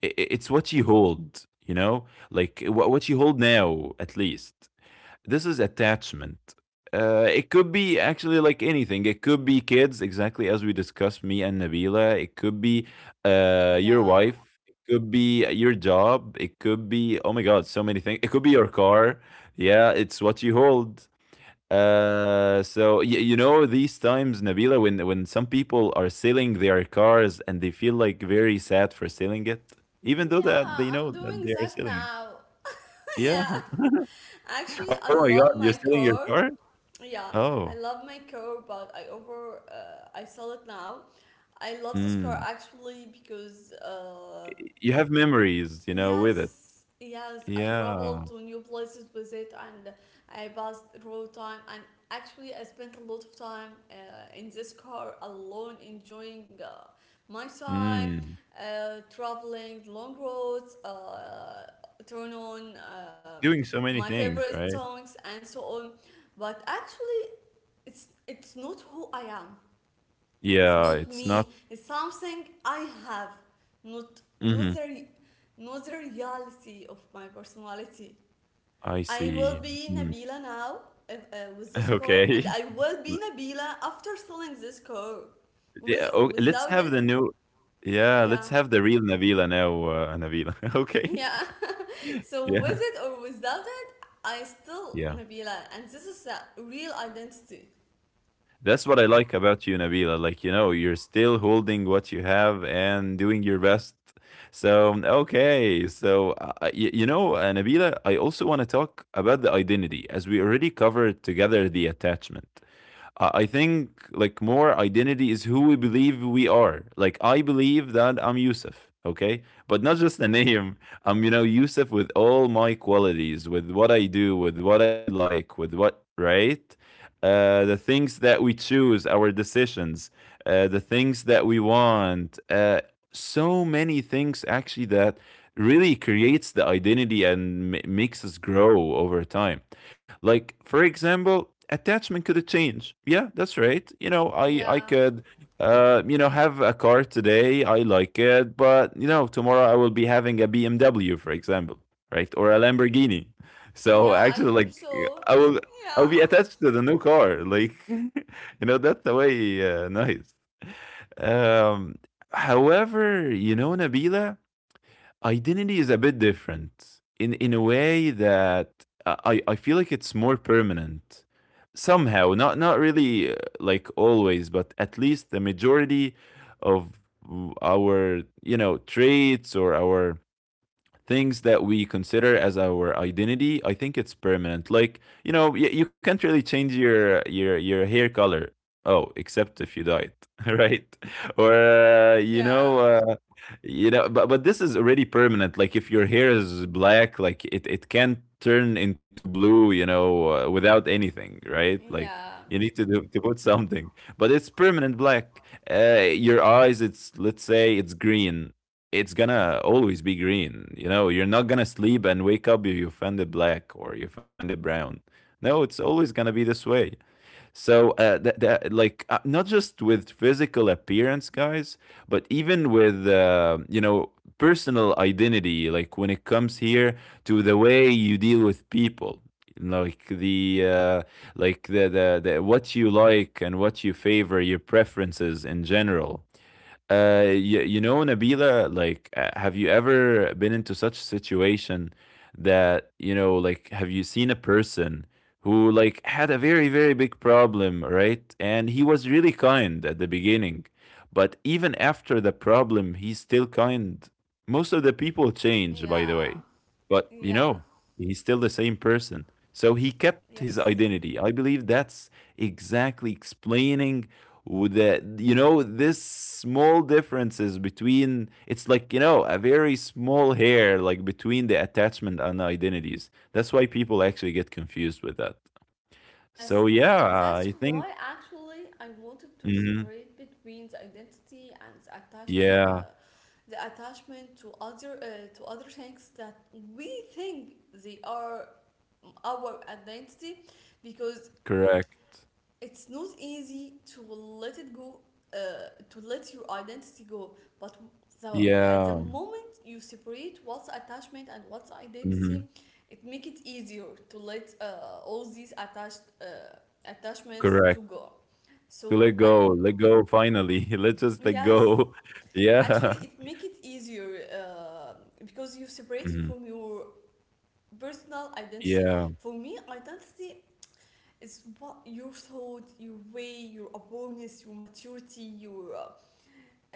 Speaker 2: i i- it's what you hold, you know, like what you hold now, at least this is attachment. It could be actually like anything. It could be kids, exactly as we discussed, me and Nabila. It could be your
Speaker 1: Yeah.
Speaker 2: wife. It could be your job. It could be, oh my God, so many things. It could be your car. Yeah, it's what you hold. So, you know these times, Nabila, when some people are selling their cars and they feel like very sad for selling it, even though that
Speaker 1: Yeah,
Speaker 2: they
Speaker 1: I'm
Speaker 2: know that
Speaker 1: doing
Speaker 2: they are
Speaker 1: that
Speaker 2: selling it.
Speaker 1: now. *laughs*
Speaker 2: Yeah.
Speaker 1: Yeah. Actually,
Speaker 2: Oh
Speaker 1: I
Speaker 2: my God,
Speaker 1: love
Speaker 2: you're
Speaker 1: my
Speaker 2: selling your
Speaker 1: car.
Speaker 2: car?
Speaker 1: Yeah,
Speaker 2: Oh.
Speaker 1: I love my car, but I sell it now. I love this car
Speaker 2: Mm.
Speaker 1: actually, because
Speaker 2: You have memories, you know, with it.
Speaker 1: yes, yes, I
Speaker 2: Yeah.
Speaker 1: traveled to new places with it, and I passed road time, and actually I spent a lot of time in this car alone, enjoying my time,
Speaker 2: Mm.
Speaker 1: traveling long roads, turn on
Speaker 2: Doing so many
Speaker 1: my
Speaker 2: things,
Speaker 1: favorite
Speaker 2: right?
Speaker 1: songs and so on. But actually, it's not who I am. It's
Speaker 2: Yeah,
Speaker 1: not
Speaker 2: it's
Speaker 1: me.
Speaker 2: not.
Speaker 1: It's something I have, not not
Speaker 2: Mhm.
Speaker 1: the re- not the reality of my personality.
Speaker 2: I
Speaker 1: I will
Speaker 2: see.
Speaker 1: be
Speaker 2: Mm.
Speaker 1: Nabila now, with
Speaker 2: *laughs*
Speaker 1: this car,
Speaker 2: Okay.
Speaker 1: and I will
Speaker 2: L
Speaker 1: be Nabila after selling this car, with
Speaker 2: Yeah,
Speaker 1: or
Speaker 2: oh, let's
Speaker 1: without
Speaker 2: have
Speaker 1: it.
Speaker 2: the new yeah, let's
Speaker 1: Yeah,
Speaker 2: have the real Nabila now, Nabila. *laughs* Okay.
Speaker 1: yeah. *laughs*
Speaker 2: *laughs*
Speaker 1: So,
Speaker 2: Yeah.
Speaker 1: with it or without it, I still
Speaker 2: Yeah.
Speaker 1: Nabila, and this is a real identity.
Speaker 2: That's what I like about you, Nabila. Like, you know, you're still holding what you have and doing your best. So, okay. So, you know, Nabila, I also want to talk about the identity, as we already covered together the attachment. I think like more identity is who we believe we are. Like I believe that I'm Yusuf, okay? But not just a name. I'm, you know, Yusuf with all my qualities, with what I do, with what I like, with what, right? The things that we choose, our decisions, the things that we want. So many things actually that really creates the identity and makes us grow over time. Like, for example, attachment could change. Yeah, that's right. You know, I
Speaker 1: Yeah,
Speaker 2: could you know have a car today, I like it, but you know, tomorrow I will be having a BMW, for example, right? Or a Lamborghini. So
Speaker 1: yeah. I
Speaker 2: actually
Speaker 1: hope
Speaker 2: like
Speaker 1: so.
Speaker 2: I will I'll
Speaker 1: Yeah. *laughs*
Speaker 2: be attached to the new car. Like *laughs* you know, that's the way nice. Um however, you know, Nabila, identity is a bit different in a way that I feel like it's more permanent somehow. Not really like always, but at least the majority of our traits or our things that we consider as our identity. I think it's permanent. Like, you can't really change your hair color. Oh, except if you dye it. *laughs* Right? Or
Speaker 1: Yeah,
Speaker 2: but this is already permanent. Like, if your hair is black, like, it can turn into blue, you know, without anything, right? Like, you
Speaker 1: yeah,
Speaker 2: need to do, to put something, but it's permanent black. uh, your eyes, it's, let's say, it's green, it's gonna always be green. You know, you're not gonna sleep and wake up, you find it black or you find it brown. No, it's always gonna be this way. So, that, like, not just with physical appearance, guys, but even with you know, personal identity. Like, when it comes here to the way you deal with people, like the uh, like the what you like and what you favor, your preferences in general. Nabila, like, have you ever been into such a situation that, you know, like, have you seen a person who, like, had a very, very big problem, right? And he was really kind at the beginning. But even after the problem, he's still kind. Most of the people change, by the
Speaker 1: yeah,
Speaker 2: way. But,
Speaker 1: yeah,
Speaker 2: he's still the same person. So he kept his
Speaker 1: yes,
Speaker 2: identity. I believe that's exactly explaining, with the this small differences, between, it's like, a very small hair, like, between the attachment and identities. That's why people actually get confused with that.
Speaker 1: yes,
Speaker 2: So yeah,
Speaker 1: and that's
Speaker 2: I
Speaker 1: why
Speaker 2: think.
Speaker 1: actually I wanted to
Speaker 2: Mhm.
Speaker 1: separate between the identity and the attached,
Speaker 2: Yeah.
Speaker 1: the attachment to other, to other things that we think they are our identity, because
Speaker 2: Correct.
Speaker 1: it's not easy to let it go, to let your identity go. But the, at the
Speaker 2: Yeah.
Speaker 1: moment you separate what's attachment and what's
Speaker 2: Mhm.
Speaker 1: identity, it make it easier to let all these attached attachments
Speaker 2: Correct.
Speaker 1: to go.
Speaker 2: To let
Speaker 1: So I
Speaker 2: go, let go finally. *laughs* Let's just let
Speaker 1: Yes,
Speaker 2: go. *laughs* Yeah.
Speaker 1: actually it make it easier, because you separate it
Speaker 2: Mhm.
Speaker 1: from your personal identity.
Speaker 2: Yeah.
Speaker 1: For me, identity, it's what your thought, your way, your awareness, your maturity, your,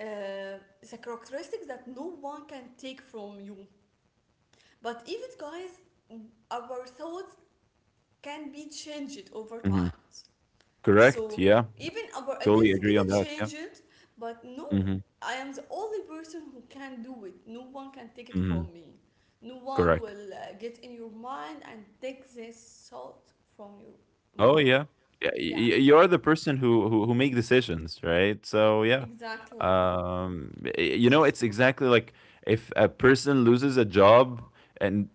Speaker 1: uh, it's a characteristics that no one can take from you. But even guys, our thoughts can be changed over
Speaker 2: Mhm.
Speaker 1: time.
Speaker 2: Correct.
Speaker 1: So
Speaker 2: Yeah.
Speaker 1: even our
Speaker 2: Totally
Speaker 1: identity
Speaker 2: agree
Speaker 1: get
Speaker 2: on that. Yeah.
Speaker 1: changed, but no,
Speaker 2: Hmm.
Speaker 1: I am the only person who can do it. No one can take it
Speaker 2: Hmm.
Speaker 1: from me. No one
Speaker 2: Correct.
Speaker 1: will, get in your mind and take this thought from your
Speaker 2: Oh
Speaker 1: mind.
Speaker 2: yeah, yeah.
Speaker 1: Yeah,
Speaker 2: You're the person who make decisions, right? So yeah,
Speaker 1: exactly. So,
Speaker 2: it's exactly like if a person loses a job and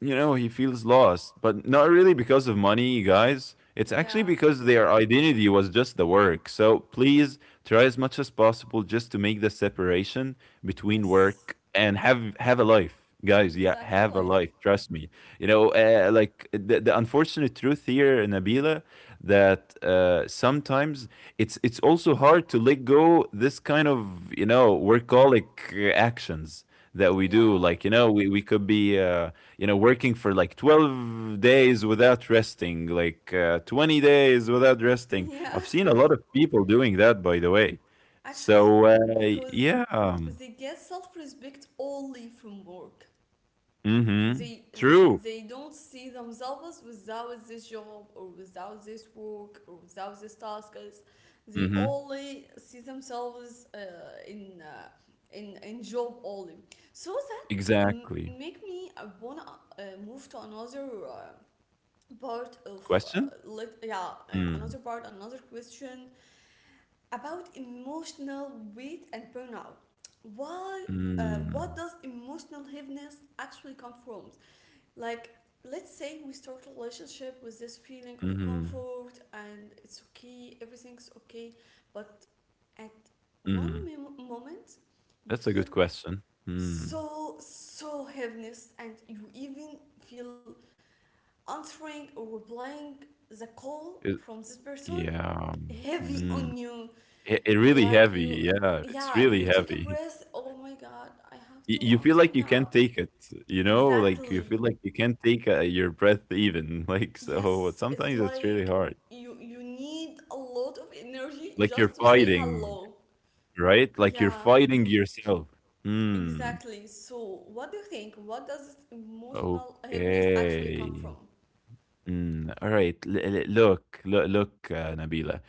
Speaker 2: he feels lost, but not really because of money, you guys. It's actually
Speaker 1: yeah.
Speaker 2: because their identity was just the work. So please try as much as possible just to make the separation between
Speaker 1: Yes.
Speaker 2: work and have a life, guys. Yeah, have a
Speaker 1: Exactly.
Speaker 2: life, trust me. Like, the, unfortunate truth here, Nabila, that sometimes it's also hard to let go this kind of workaholic actions that we do.
Speaker 1: Yeah.
Speaker 2: Like, we could be working for like 12 days without resting, like, 20 days without resting.
Speaker 1: Yeah.
Speaker 2: I've seen a lot of people doing that, by the way.
Speaker 1: *laughs* Actually,
Speaker 2: So,
Speaker 1: because
Speaker 2: yeah.
Speaker 1: they get self-respect only from work.
Speaker 2: Mhm.
Speaker 1: They
Speaker 2: True.
Speaker 1: they don't see themselves without this job or without this work or without these tasks. They
Speaker 2: Mhm.
Speaker 1: only see themselves in uh, in job only. So that
Speaker 2: Exactly.
Speaker 1: make me wanna move to another. Part of,
Speaker 2: Question. Mm.
Speaker 1: another part, another question about emotional weight and burnout. Why, what
Speaker 2: Mm.
Speaker 1: does emotional heaviness actually come from? Like, let's say we start a relationship with this feeling of
Speaker 2: Mhm.
Speaker 1: comfort, and it's okay, everything's okay. But at one
Speaker 2: Mm.
Speaker 1: moment, you
Speaker 2: That's a
Speaker 1: feel
Speaker 2: good question. Mm.
Speaker 1: so heaviness, and you even feel answering or replying the call
Speaker 2: it,
Speaker 1: from this person
Speaker 2: yeah.
Speaker 1: heavy on
Speaker 2: Mm.
Speaker 1: you.
Speaker 2: It really
Speaker 1: Like, you
Speaker 2: heavy, yeah,
Speaker 1: yeah,
Speaker 2: it's
Speaker 1: you
Speaker 2: really
Speaker 1: take a
Speaker 2: heavy.
Speaker 1: breath, oh my god, I have to
Speaker 2: You
Speaker 1: answer
Speaker 2: feel like you
Speaker 1: now.
Speaker 2: can't take it, like, you feel
Speaker 1: Exactly.
Speaker 2: like you can't take your breath even. *laughs* Like, so,
Speaker 1: Yes, it's
Speaker 2: sometimes it's really
Speaker 1: like
Speaker 2: hard.
Speaker 1: you need a lot of energy
Speaker 2: Like, you're
Speaker 1: just to say
Speaker 2: fighting,
Speaker 1: hello.
Speaker 2: right? Like, you're
Speaker 1: Yeah,
Speaker 2: fighting yourself. Hmm.
Speaker 1: exactly. So what do you think, what does this emotional heaviness actually come
Speaker 2: Okay.
Speaker 1: from?
Speaker 2: Mm, all right. Look, look, look, Nabila.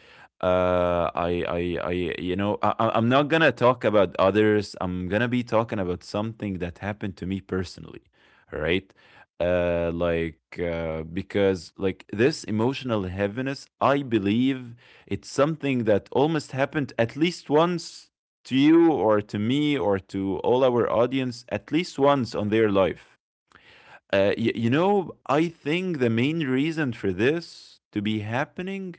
Speaker 2: Uh, I, I, I, I'm not gonna talk about others. I'm gonna be talking about something that happened to me personally. All right. Because, like, this emotional heaviness, I believe it's something that almost happened at least once to you, or to me, or to all our audience, at least once on their life. You know, I think the main reason for this to be happening,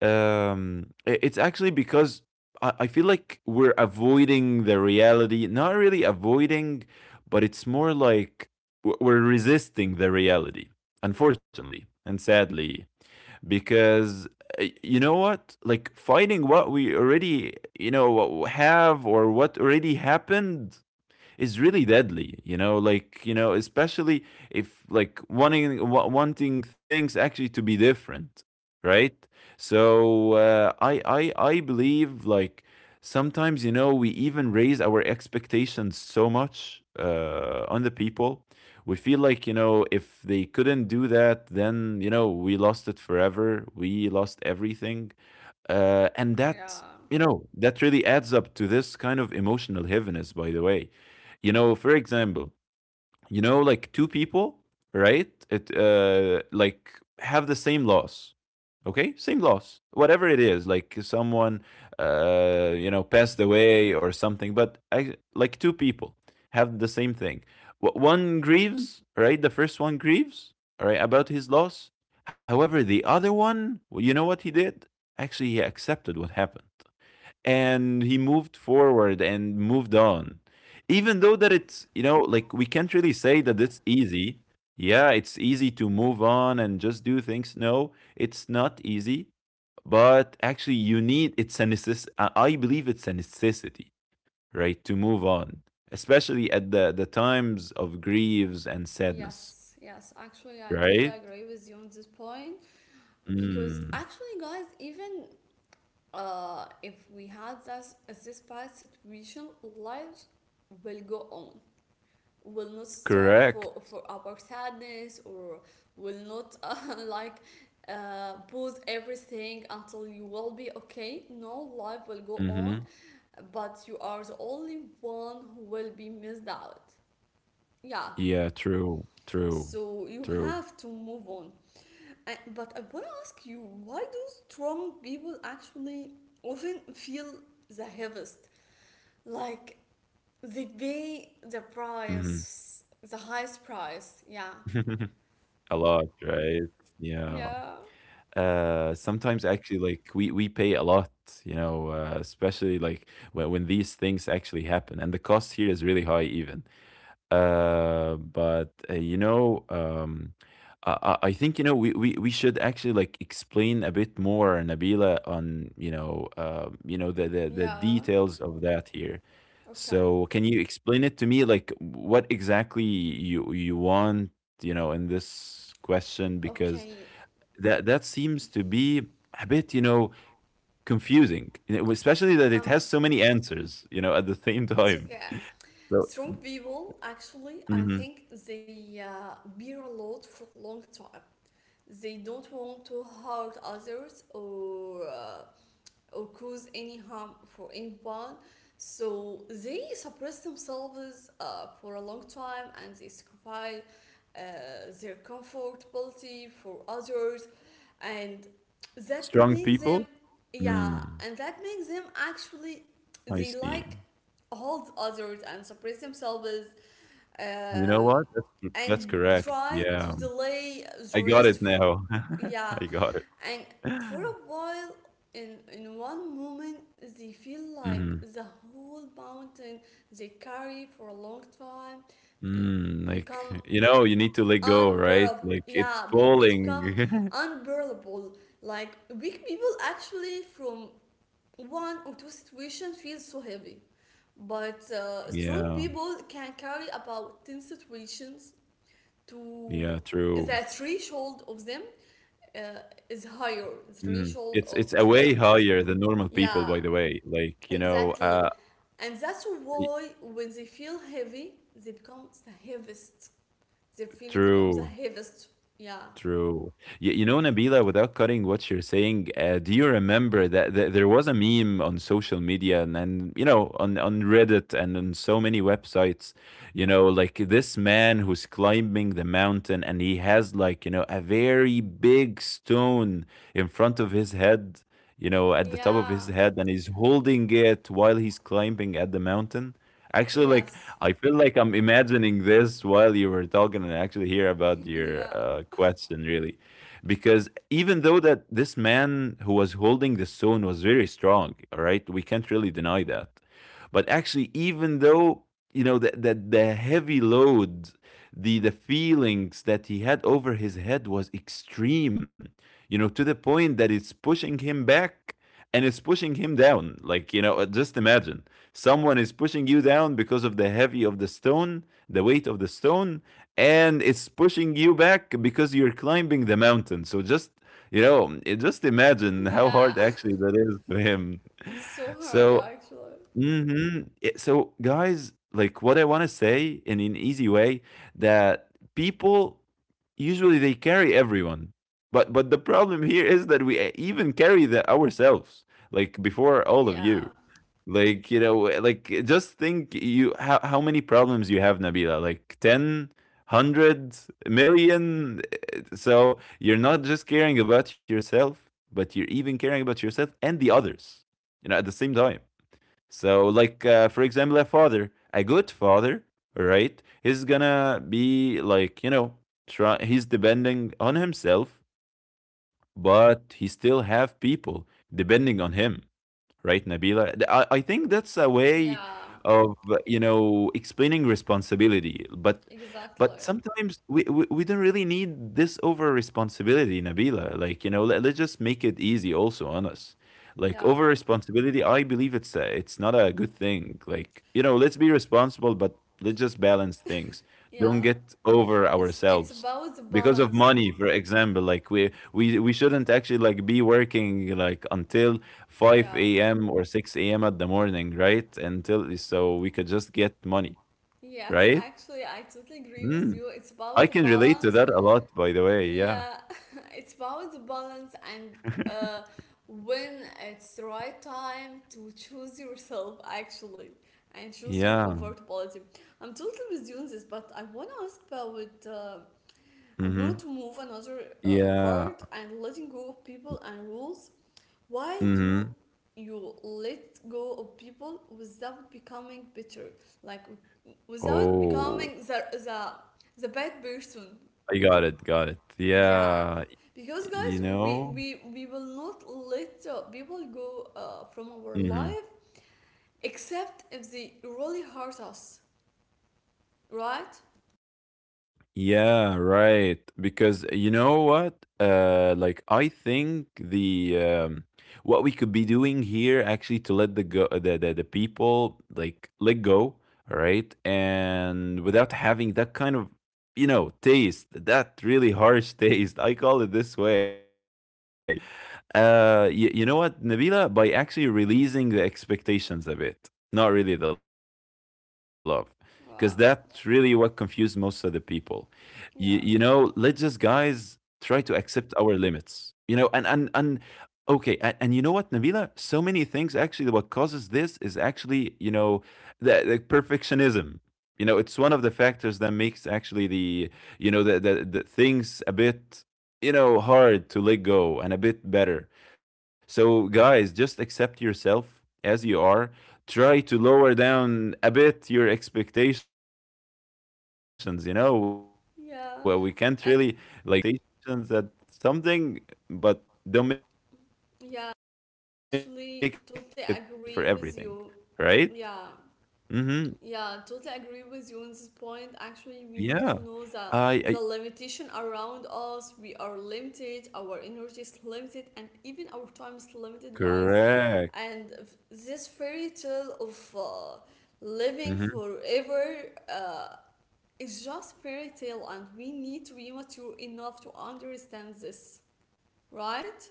Speaker 2: it's actually because I feel like we're avoiding the reality. Not really avoiding, but it's more like we're resisting the reality, unfortunately and sadly, because you know what? Like, fighting what we already, you know, have, or what already happened, is really deadly, you know? Like, you know, especially if, like, wanting things actually to be different, right? So, I believe, like, sometimes, we even raise our expectations so much on the people. We feel like, if they couldn't do that, then, we lost it forever, we lost everything. And that,
Speaker 1: Yeah.
Speaker 2: that really adds up to this kind of emotional heaviness, by the way. You know, for example, like, two people, right? it Like, have the same loss. Okay, same loss, whatever it is. Like, someone, you know, passed away or something. But, like, two people have the same thing. One grieves, right? The first one grieves, right, about his loss. However, the other one, well, you know what he did? Actually, he accepted what happened, and he moved forward and moved on. Even though
Speaker 1: Mm.
Speaker 2: that, it's, you know, like, we can't really say
Speaker 1: So bad.
Speaker 2: that it's easy. Yeah, it's easy to move on and just do things. No, it's not easy. But actually, you need, I believe it's a necessity, right, to move on, especially at the times of griefs and sadness.
Speaker 1: Yes, yes. Actually, I totally
Speaker 2: Right.
Speaker 1: agree with you on this point,
Speaker 2: Mm,
Speaker 1: because actually, guys, even, if we had this bad situation, lives will go on, will not stop
Speaker 2: correct.
Speaker 1: for our sadness, or will not *laughs* like, pause everything until you will be okay. No, life will go on,
Speaker 2: Mm-hmm.
Speaker 1: but you are the only one who will be missed out. Yeah.
Speaker 2: Yeah, true, true,
Speaker 1: So you
Speaker 2: true.
Speaker 1: have to move on. And, but I want to ask you, why do strong people actually often feel the heaviest? Like, they
Speaker 2: Mm-hmm.
Speaker 1: pay the price, the
Speaker 2: *laughs*
Speaker 1: highest
Speaker 2: A
Speaker 1: price.
Speaker 2: lot,
Speaker 1: Yeah.
Speaker 2: right? Yeah.
Speaker 1: Yeah.
Speaker 2: Sometimes actually, like, we pay a lot, especially, like, when these things actually happen, and the cost here is really high even. Uh, but uh, you know, um, I think, we should actually, like, explain a bit more, Nabila, on, the
Speaker 1: Yeah.
Speaker 2: details of that here.
Speaker 1: Okay.
Speaker 2: So, can you explain it to me, like, what exactly you want, in this question? Because
Speaker 1: Okay.
Speaker 2: that seems to be a bit, confusing, especially that it
Speaker 1: Um,
Speaker 2: has so many answers, at the same *laughs*
Speaker 1: it's
Speaker 2: time.
Speaker 1: okay.
Speaker 2: So.
Speaker 1: Strong people, actually, I
Speaker 2: Mm-hmm.
Speaker 1: think they, bear a lot for a long time. They don't want to hurt others, or cause any harm for anyone. So they suppress themselves for a long time, and they sacrifice uh, their comfortability for others, and that
Speaker 2: Strong
Speaker 1: makes them,
Speaker 2: people?
Speaker 1: yeah, and
Speaker 2: Mm,
Speaker 1: that makes them actually, they
Speaker 2: I
Speaker 1: like
Speaker 2: see.
Speaker 1: hold others and suppress themselves.
Speaker 2: You know
Speaker 1: Um
Speaker 2: what? That's
Speaker 1: and
Speaker 2: correct.
Speaker 1: try
Speaker 2: Yeah.
Speaker 1: to delay the
Speaker 2: I got
Speaker 1: rest.
Speaker 2: it now. *laughs*
Speaker 1: Yeah,
Speaker 2: I got it.
Speaker 1: and for
Speaker 2: *laughs*
Speaker 1: a while, in one moment, they feel like
Speaker 2: Mhm.
Speaker 1: the whole mountain they carry for a long time uh,
Speaker 2: Mm, like,
Speaker 1: become
Speaker 2: you need to let go, right?
Speaker 1: unbearable.
Speaker 2: Like, it's
Speaker 1: Yeah, it's become
Speaker 2: falling. *laughs*
Speaker 1: unbearable. Like, weak people actually from one or two situations feel so heavy, but strong
Speaker 2: Yeah.
Speaker 1: people can carry about 10 situations to
Speaker 2: Yeah,
Speaker 1: the
Speaker 2: true.
Speaker 1: threshold of them, uh, is higher, the
Speaker 2: Mm.
Speaker 1: threshold
Speaker 2: It's
Speaker 1: of
Speaker 2: a
Speaker 1: their
Speaker 2: way
Speaker 1: up.
Speaker 2: higher than normal people,
Speaker 1: Yeah,
Speaker 2: by the way. Like, you know,
Speaker 1: exactly. And that's
Speaker 2: I
Speaker 1: why when they feel heavy, they become the heaviest. Their feelings becomes the
Speaker 2: true.
Speaker 1: heaviest. Yeah.
Speaker 2: True. Nabila, without cutting what you're saying, do you remember, that there was a meme on social media, and, on, Reddit, and on so many websites, like, this man who's climbing the mountain, and he has, like, a very big stone in front of his head, at the top of his
Speaker 1: Yeah.
Speaker 2: head, and he's holding it while he's climbing at the mountain. Actually, like,
Speaker 1: Yes.
Speaker 2: I feel like I'm imagining this while you were talking, and I actually hear about
Speaker 1: *laughs*
Speaker 2: your
Speaker 1: Yeah.
Speaker 2: question really, because even though that this man who was holding the stone was very strong, all right, we can't really deny that. But actually, even though you know that the, heavy load, the feelings that he had over his head was extreme, to the point that it's pushing him back, and it's pushing him down. Like, just imagine someone is pushing you down because of the heavy of the stone, the weight of the stone, and it's pushing you back because you're climbing the mountain. So just, just imagine how hard
Speaker 1: Yeah. *laughs*
Speaker 2: actually that is to him.
Speaker 1: It's so hard
Speaker 2: So.
Speaker 1: actually.
Speaker 2: Mhm. So, guys, like, what I wanna say in an easy way, that people usually they carry everyone. But the problem here is that we e even carry the ourselves, like, before all of you.
Speaker 1: Yeah.
Speaker 2: Like, like, just think, you how many problems you have, Nabila? Like, 10, 100, million. 100, million? So you're not just caring about yourself, but you're even caring about yourself and the others, at the same time. So, like, for example, a father, a good father, right, he's gonna be like, he's depending on himself, but he still have people depending on him, right, Nabila. I think that's a way
Speaker 1: Yeah.
Speaker 2: of explaining responsibility,
Speaker 1: Exactly.
Speaker 2: but sometimes we don't really need this over responsibility, Nabila. Like, let's just make it easy also on us. Like, over
Speaker 1: Yeah.
Speaker 2: responsibility, I believe it's it's not a good thing. Like, let's be responsible, but let's just balance things. Don't
Speaker 1: Yeah.
Speaker 2: get over
Speaker 1: It's
Speaker 2: ourselves
Speaker 1: about the
Speaker 2: because of
Speaker 1: balance.
Speaker 2: money, for example. Like, we shouldn't actually, like, be working like until
Speaker 1: Yeah.
Speaker 2: 5 a.m. or 6 a.m. at the morning, right? Until, so we could just get money,
Speaker 1: Yes,
Speaker 2: right?
Speaker 1: actually I totally agree with
Speaker 2: Mm.
Speaker 1: you. It's
Speaker 2: I
Speaker 1: about the
Speaker 2: can relate to
Speaker 1: balance.
Speaker 2: that a lot, by the way. Yeah.
Speaker 1: Yeah, *laughs* it's about the balance, and, uh, when it's the right time to choose yourself actually, and choose your
Speaker 2: Yeah.
Speaker 1: comfortability. I'm totally with you on this, but I want to ask about. I wanted
Speaker 2: Mm-hmm.
Speaker 1: to move another
Speaker 2: Yeah.
Speaker 1: part, and letting go of people and rules. Why
Speaker 2: Mm-hmm.
Speaker 1: do you let go of people without becoming bitter, like without
Speaker 2: Oh,
Speaker 1: becoming the bad person?
Speaker 2: I got it. Got it.
Speaker 1: Yeah,
Speaker 2: Yeah.
Speaker 1: because
Speaker 2: You
Speaker 1: guys, we
Speaker 2: know?
Speaker 1: we we will not let people go from our
Speaker 2: Mm-hmm.
Speaker 1: life, except if they really hurt us, right?
Speaker 2: Yeah, right. Because you know what? Like I think the what we could be doing here actually to let the go the people like let go, all right? And without having that kind of taste, that really harsh *laughs* taste. I call it this way. You know what, Nabila? By actually releasing the expectations a bit, not really the love, because that's really what confused most
Speaker 1: Right.
Speaker 2: of the people. You know, let's just,
Speaker 1: Yeah.
Speaker 2: guys, try to accept our limits, you know, and okay. And you know what, Nabila, so many things actually what causes this is actually, you know, the perfectionism. You know, it's one of the factors that makes actually the, you know, the things a bit, you know, hard to let go and a bit better. So guys, just accept yourself as you are. Try to lower down a bit your expectations, you know. We can't really like be this way forever. Like even if
Speaker 1: Yeah.
Speaker 2: you're, you know,
Speaker 1: Ac-
Speaker 2: have some high expectations that something, but don't make it for
Speaker 1: yeah.
Speaker 2: everything, right?
Speaker 1: Actually, totally agree
Speaker 2: Mm-hmm.
Speaker 1: with you. Yeah. Yeah, totally agree with you
Speaker 2: Yeah.
Speaker 1: on this point.
Speaker 2: i,
Speaker 1: Actually, we
Speaker 2: I
Speaker 1: need to know the limitation around us. We are limited, our energy is limited, and even our time is limited, guys.
Speaker 2: correct.
Speaker 1: And this fairy tale of living
Speaker 2: Mm-hmm.
Speaker 1: forever is just fairy tale, and we need to be mature enough to understand this, right?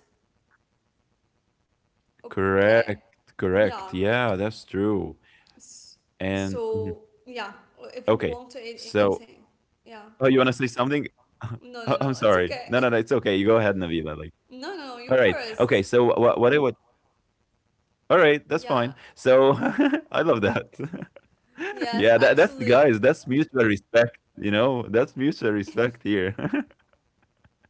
Speaker 2: Correct.
Speaker 1: Okay,
Speaker 2: Correct,
Speaker 1: yeah.
Speaker 2: yeah, that's true.
Speaker 1: S-
Speaker 2: And mhm.
Speaker 1: So yeah, if you
Speaker 2: Okay.
Speaker 1: want to add
Speaker 2: So
Speaker 1: anything, yeah.
Speaker 2: oh, you want to say something? *laughs*
Speaker 1: No, no, no. It's
Speaker 2: I'm
Speaker 1: okay.
Speaker 2: sorry.
Speaker 1: *laughs*
Speaker 2: No, no, no, it's okay. You go ahead, Navila, like
Speaker 1: No, no, no. You
Speaker 2: all right.
Speaker 1: first.
Speaker 2: Okay, so what I would all right,
Speaker 1: Yeah.
Speaker 2: that's fine. So *laughs* I love that. *laughs*
Speaker 1: Yes,
Speaker 2: *laughs* Yeah,
Speaker 1: actually.
Speaker 2: that's the guys. That's mutual respect. You know, that's mutual respect here. *laughs*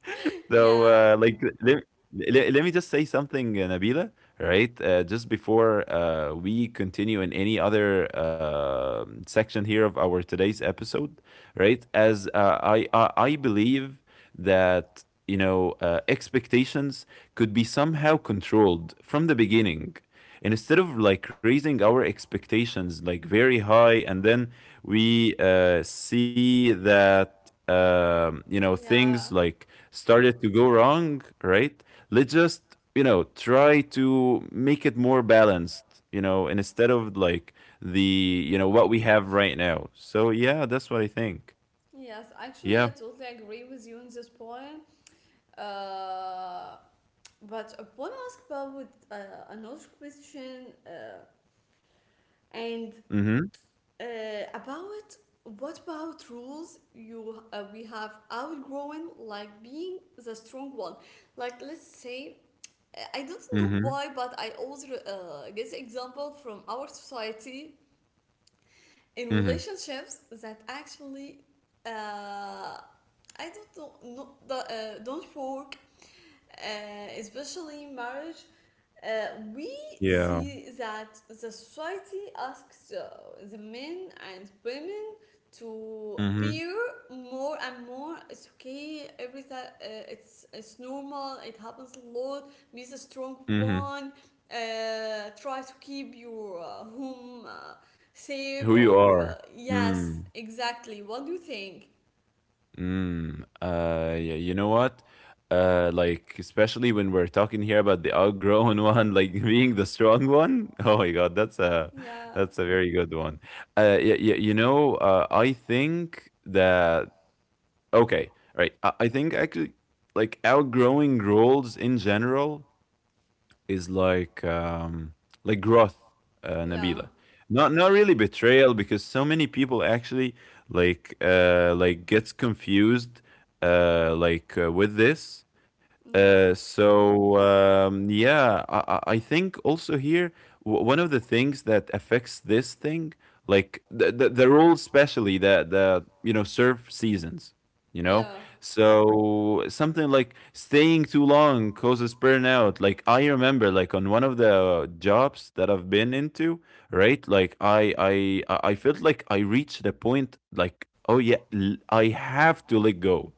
Speaker 1: *laughs* Yeah.
Speaker 2: So, like, let me just say something, Nabila, right? Just before we continue in any other section here of our today's episode, right? As I believe that, you know, expectations could be somehow controlled from the beginning. And instead of like raising our expectations like very high and then we see that you know, things
Speaker 1: Yeah.
Speaker 2: like started to go wrong, right? Let's just, you know, try to make it more balanced, you know, and instead of like the, you know, what we have right now. So yeah, that's what I think.
Speaker 1: Yes, actually, I
Speaker 2: Yeah.
Speaker 1: totally agree with you on this point. Uh, but I want to ask about another question, and
Speaker 2: Mm-hmm.
Speaker 1: About what about rules you we have outgrown, like being the strong one. Like let's say, I don't know
Speaker 2: Mm-hmm.
Speaker 1: why, but I always get the example from our society in
Speaker 2: Mm-hmm.
Speaker 1: relationships that actually, uh, I don't know no, the, don't work, especially in marriage. uh, we
Speaker 2: Yeah.
Speaker 1: see that the society asks the men and women to
Speaker 2: Mm-hmm.
Speaker 1: appear more and more. It's okay. Everything, it's normal. It happens a lot. Be the strong
Speaker 2: Mm-hmm.
Speaker 1: one. Try to keep your home safe.
Speaker 2: Who you
Speaker 1: Or
Speaker 2: are.
Speaker 1: yes,
Speaker 2: Mm.
Speaker 1: exactly. What do you think?
Speaker 2: Mm, yeah, you know what? Like especially when we're talking here about the outgrown one, like *laughs* being the strong one. Oh my God,
Speaker 1: Yeah,
Speaker 2: that's a very good one. Yeah, yeah, you know, I think that okay, right. I think actually, like outgrowing roles in general is like growth,
Speaker 1: yeah,
Speaker 2: Nabila. Not not really betrayal because so many people actually like gets confused with this
Speaker 1: yeah,
Speaker 2: yeah, I think also here one of the things that affects this thing, like the rules, especially the you know surf seasons, you know,
Speaker 1: yeah.
Speaker 2: so something like staying too long causes burnout. Like I remember, like on one of the jobs that I've been into, right? Like I felt like I reached the point, like oh yeah, I have to let go.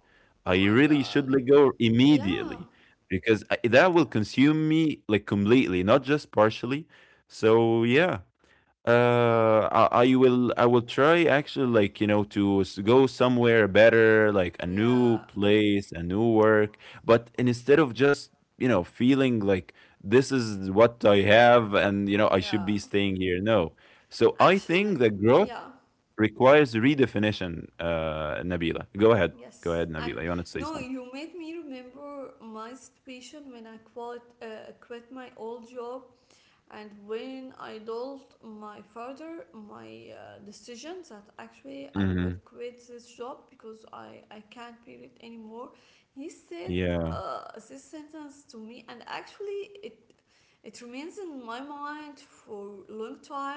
Speaker 1: Oh
Speaker 2: I
Speaker 1: my
Speaker 2: really
Speaker 1: god.
Speaker 2: should let go
Speaker 1: Yeah,
Speaker 2: immediately because I, that will consume me like completely, not just partially. So yeah, I will I will try actually, like, you know, to go somewhere better, like a new
Speaker 1: yeah,
Speaker 2: place, a new work. But instead of just you know feeling like this is what I have and you know I
Speaker 1: yeah.
Speaker 2: should be staying here, no. So I
Speaker 1: Actually,
Speaker 2: think that growth
Speaker 1: yeah,
Speaker 2: requires redefinition. Nabila, go
Speaker 1: yes.
Speaker 2: ahead, Nabila. You want to say
Speaker 1: No,
Speaker 2: something?
Speaker 1: you made me remember my situation when I quit, quit my old job, and when I told my father my decision that actually I will
Speaker 2: Mhm.
Speaker 1: quit this job because I can't bear it anymore. He said
Speaker 2: Yeah.
Speaker 1: uh, this sentence to me, and actually it remains in my mind for a long time.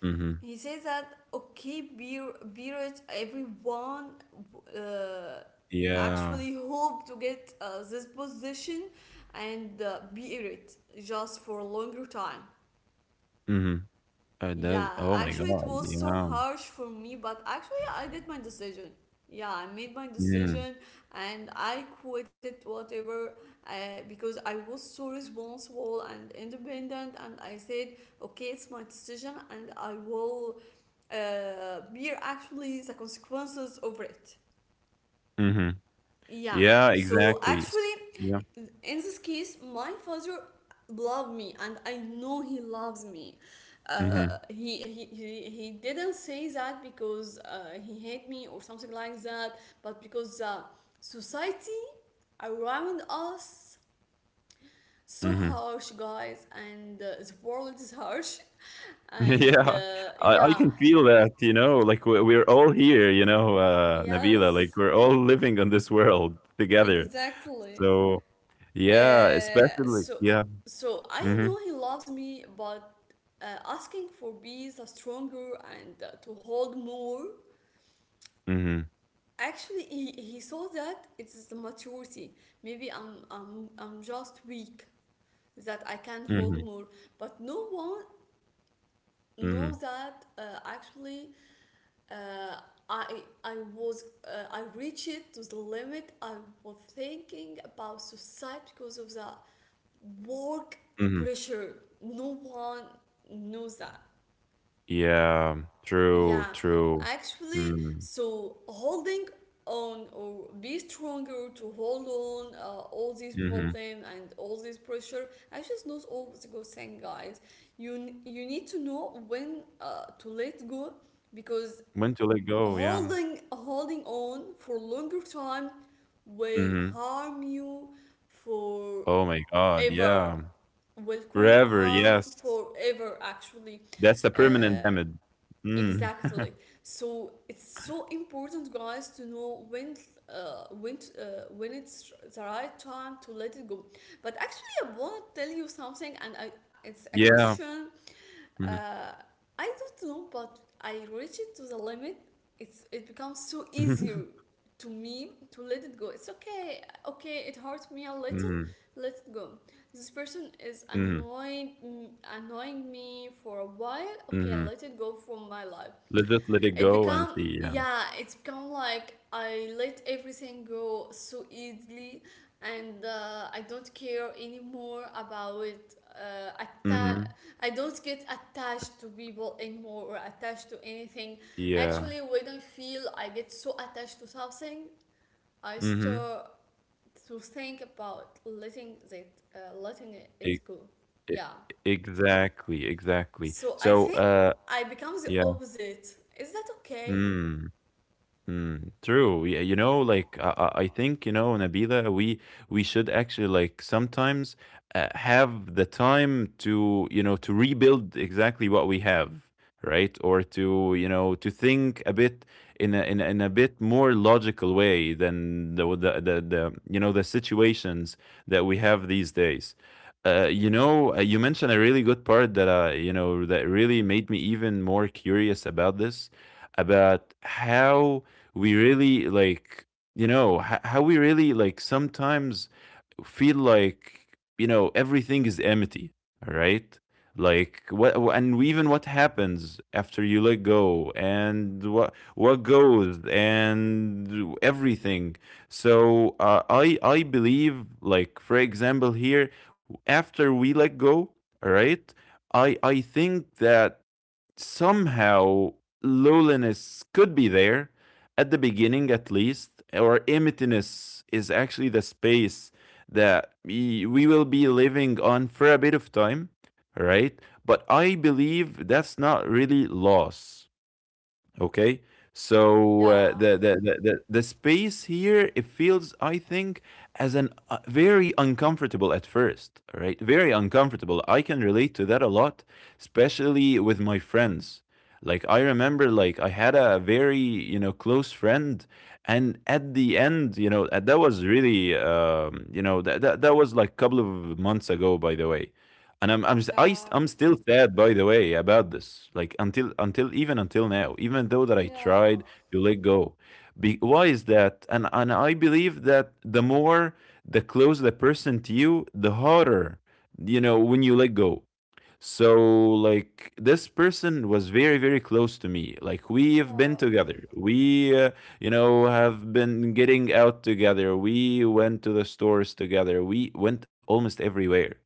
Speaker 2: Mhm.
Speaker 1: He says that okay, beer, beerage, everyone uh,
Speaker 2: Yeah.
Speaker 1: actually hope to get this position and be in it just for a longer time.
Speaker 2: Mhm. Does
Speaker 1: Yeah,
Speaker 2: oh my
Speaker 1: actually, it
Speaker 2: god,
Speaker 1: was so
Speaker 2: yeah.
Speaker 1: harsh for me, but actually, I did my decision. Yeah, I made my
Speaker 2: Mm.
Speaker 1: decision and I quitted whatever, uh, because I was so responsible and independent. And I said, okay, it's my decision, and I will bear actually the consequences over it.
Speaker 2: Mhm.
Speaker 1: Yeah.
Speaker 2: Yeah,
Speaker 1: So
Speaker 2: exactly. S
Speaker 1: actually,
Speaker 2: Yeah.
Speaker 1: in this case, my father loved me, and I know he loves me. Uh,
Speaker 2: Mhm.
Speaker 1: he, he he he didn't say that because he hate me or something like that, but because the society around us so
Speaker 2: Mhm.
Speaker 1: harsh, guys, and the world is harsh, *laughs*
Speaker 2: *laughs*
Speaker 1: and
Speaker 2: Yeah. I
Speaker 1: yeah,
Speaker 2: can feel that, you know, like, we're all here, you know, Nabila, like,
Speaker 1: yes,
Speaker 2: we're all living on this world together.
Speaker 1: exactly.
Speaker 2: So, yeah,
Speaker 1: Uh,
Speaker 2: especially.
Speaker 1: so
Speaker 2: Yeah.
Speaker 1: so I
Speaker 2: Mhm.
Speaker 1: know he loves me, but asking for bees are stronger and to hold more.
Speaker 2: Mhm.
Speaker 1: Actually, he saw that it's the maturity. Maybe I'm just weak, that I can
Speaker 2: Mhm.
Speaker 1: hold more. But no one
Speaker 2: Mhm.
Speaker 1: knows that actually uh, I I was I reached it to the limit. I was thinking about suicide because of the work
Speaker 2: Mhm.
Speaker 1: pressure. No one knows that.
Speaker 2: Yeah. True,
Speaker 1: Yeah,
Speaker 2: true.
Speaker 1: actually,
Speaker 2: Mm.
Speaker 1: so holding on or be stronger to hold on all these
Speaker 2: Mhm.
Speaker 1: problems and all this pressure. Actually, it's not always a good thing, guys. You you need to know when to let go, because
Speaker 2: When to let go, yeah.
Speaker 1: holding on for longer time will
Speaker 2: Mhm.
Speaker 1: harm you
Speaker 2: Oh my god,
Speaker 1: forever,
Speaker 2: yeah.
Speaker 1: will cause
Speaker 2: Forever,
Speaker 1: harm
Speaker 2: yes.
Speaker 1: forever, actually,
Speaker 2: That's a
Speaker 1: uh,
Speaker 2: permanent damage.
Speaker 1: exactly.
Speaker 2: Mm. *laughs*
Speaker 1: So it's so important, guys, to know when when it's the right time to let it go. But actually I want to tell you something, and it's a
Speaker 2: Yeah.
Speaker 1: question,
Speaker 2: Mhm.
Speaker 1: uh, I don't know, but I reach it to the limit. It's it becomes so easy
Speaker 2: Mhm.
Speaker 1: to me to let it go. It's okay, okay. It hurts me a little. Let it go. This person is
Speaker 2: Mhm. Mhm.
Speaker 1: annoying me for a while. Okay, I let it
Speaker 2: *laughs*
Speaker 1: go from my life.
Speaker 2: Let's just let it
Speaker 1: It
Speaker 2: go and
Speaker 1: become
Speaker 2: see, yeah.
Speaker 1: yeah, it's become like I let everything go so easily, and I don't care anymore about uh, atta-
Speaker 2: Mhm.
Speaker 1: I don't get attached to people anymore or attached to anything.
Speaker 2: Yeah.
Speaker 1: Actually, when I feel I get so attached to something, I
Speaker 2: Mhm.
Speaker 1: start to think about letting
Speaker 2: E
Speaker 1: it go.
Speaker 2: e
Speaker 1: Yeah.
Speaker 2: exactly, exactly.
Speaker 1: So I
Speaker 2: So,
Speaker 1: think I become the
Speaker 2: yeah.
Speaker 1: opposite. Is that okay?
Speaker 2: Mm. Mm, true. Yeah, you know, like I think you know, Nabila, we should actually like sometimes have the time to you know to rebuild exactly what we have, right? Or to you know to think a bit in a bit more logical way than the you know the situations that we have these days. You know, you mentioned a really good part that you know that really made me even more curious about this, about how we really like you know how we really like sometimes feel like you know everything is empty, all right? Like what and even what happens after you let go and what goes and everything. So I believe like for example here after we let go, all right, I think that somehow loneliness could be there at the beginning, at least, or emptiness is actually the space that we will be living on for a bit of time, right? But I believe that's not really loss. Okay. So uh,
Speaker 1: Yeah.
Speaker 2: the, the the the the space here it feels I think as an very uncomfortable at first, right? Very uncomfortable. I can relate to that a lot, especially with my friends. Like I remember like I had a very, you know, close friend and at the end, you know, that was really you know, that was like a couple of months ago, by the way. And I'm
Speaker 1: Yeah,
Speaker 2: I'm still sad, by the way, about this. Like until even until now, even though that I
Speaker 1: yeah,
Speaker 2: tried to let go. Be, why is that? And I believe that the more the close the person to you, the harder you know when you let go. So, like, this person was very, very close to me. Like, we've been
Speaker 1: yeah,
Speaker 2: together. We, you know, have been getting out together. We went to the stores together. We went almost everywhere.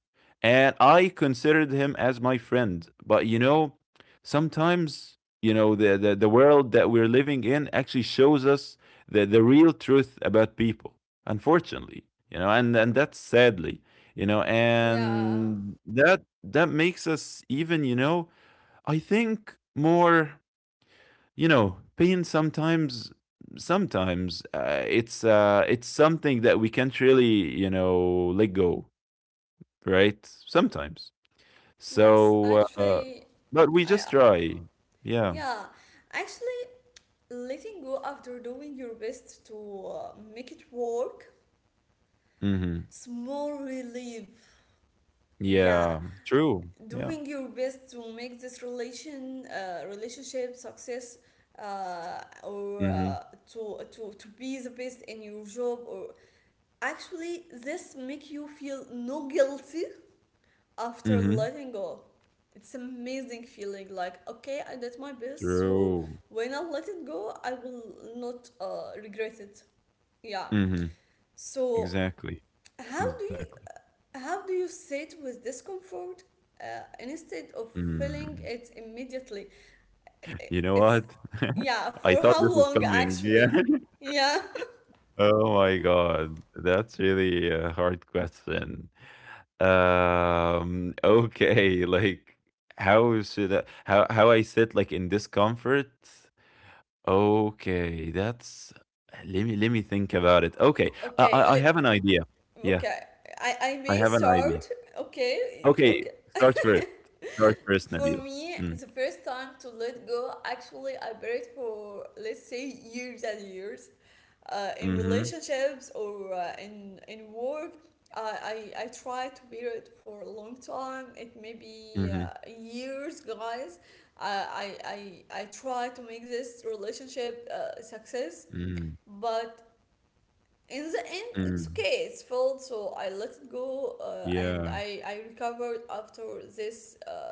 Speaker 2: And I considered him as my friend. But, you know, sometimes, you know, the world that we're living in actually shows us the real truth about people, unfortunately, you know, and that's sadly, you know,
Speaker 1: yeah.
Speaker 2: and that that makes us even, you know, I think more, you know, pain sometimes sometimes it's something that we can't really, you know, let go, right? Sometimes.
Speaker 1: Yes,
Speaker 2: So
Speaker 1: actually,
Speaker 2: but we
Speaker 1: I,
Speaker 2: just try. Yeah.
Speaker 1: yeah, actually, letting go after doing your best to make it work,
Speaker 2: Mhm.
Speaker 1: small relief. Yeah,
Speaker 2: Yeah. True. Yeah.
Speaker 1: doing your best to make this relationship success, or
Speaker 2: Mhm.
Speaker 1: to to be the best in your job, or actually, this make you feel no guilty after
Speaker 2: Mhm.
Speaker 1: letting go. It's amazing feeling like okay, I did my best, so
Speaker 2: True.
Speaker 1: when I let it go, I will not regret it. Yeah.
Speaker 2: Mhm.
Speaker 1: So
Speaker 2: Exactly.
Speaker 1: how do you
Speaker 2: Exactly.
Speaker 1: how do you sit with discomfort instead of feeling
Speaker 2: Mm.
Speaker 1: it immediately?
Speaker 2: You know
Speaker 1: It's
Speaker 2: what?
Speaker 1: yeah,
Speaker 2: *laughs* I
Speaker 1: for
Speaker 2: thought
Speaker 1: how
Speaker 2: this was
Speaker 1: long
Speaker 2: coming. Yeah.
Speaker 1: actually? Yeah. *laughs*
Speaker 2: Oh my god, that's really a hard question. Okay, like how should I, how I sit like in discomfort? Okay, that's let me think about it. Okay,
Speaker 1: Okay,
Speaker 2: I have an
Speaker 1: le-
Speaker 2: idea. Yeah,
Speaker 1: okay. I
Speaker 2: I
Speaker 1: may
Speaker 2: have an idea.
Speaker 1: start. Okay,
Speaker 2: Okay,
Speaker 1: okay.
Speaker 2: start first. Start first,
Speaker 1: For
Speaker 2: Nabil.
Speaker 1: me,
Speaker 2: Mm,
Speaker 1: the first time to let go, actually, I buried for let's say years and years, in
Speaker 2: mm-hmm.
Speaker 1: relationships or in work. I, I tried to bear it for a long time. It may be
Speaker 2: Mm-hmm.
Speaker 1: years, guys. I I I I tried to make this relationship success,
Speaker 2: Mm,
Speaker 1: but in the end, it's
Speaker 2: mm,
Speaker 1: okay. It's felt so I let it go, and
Speaker 2: yeah.
Speaker 1: I recovered after this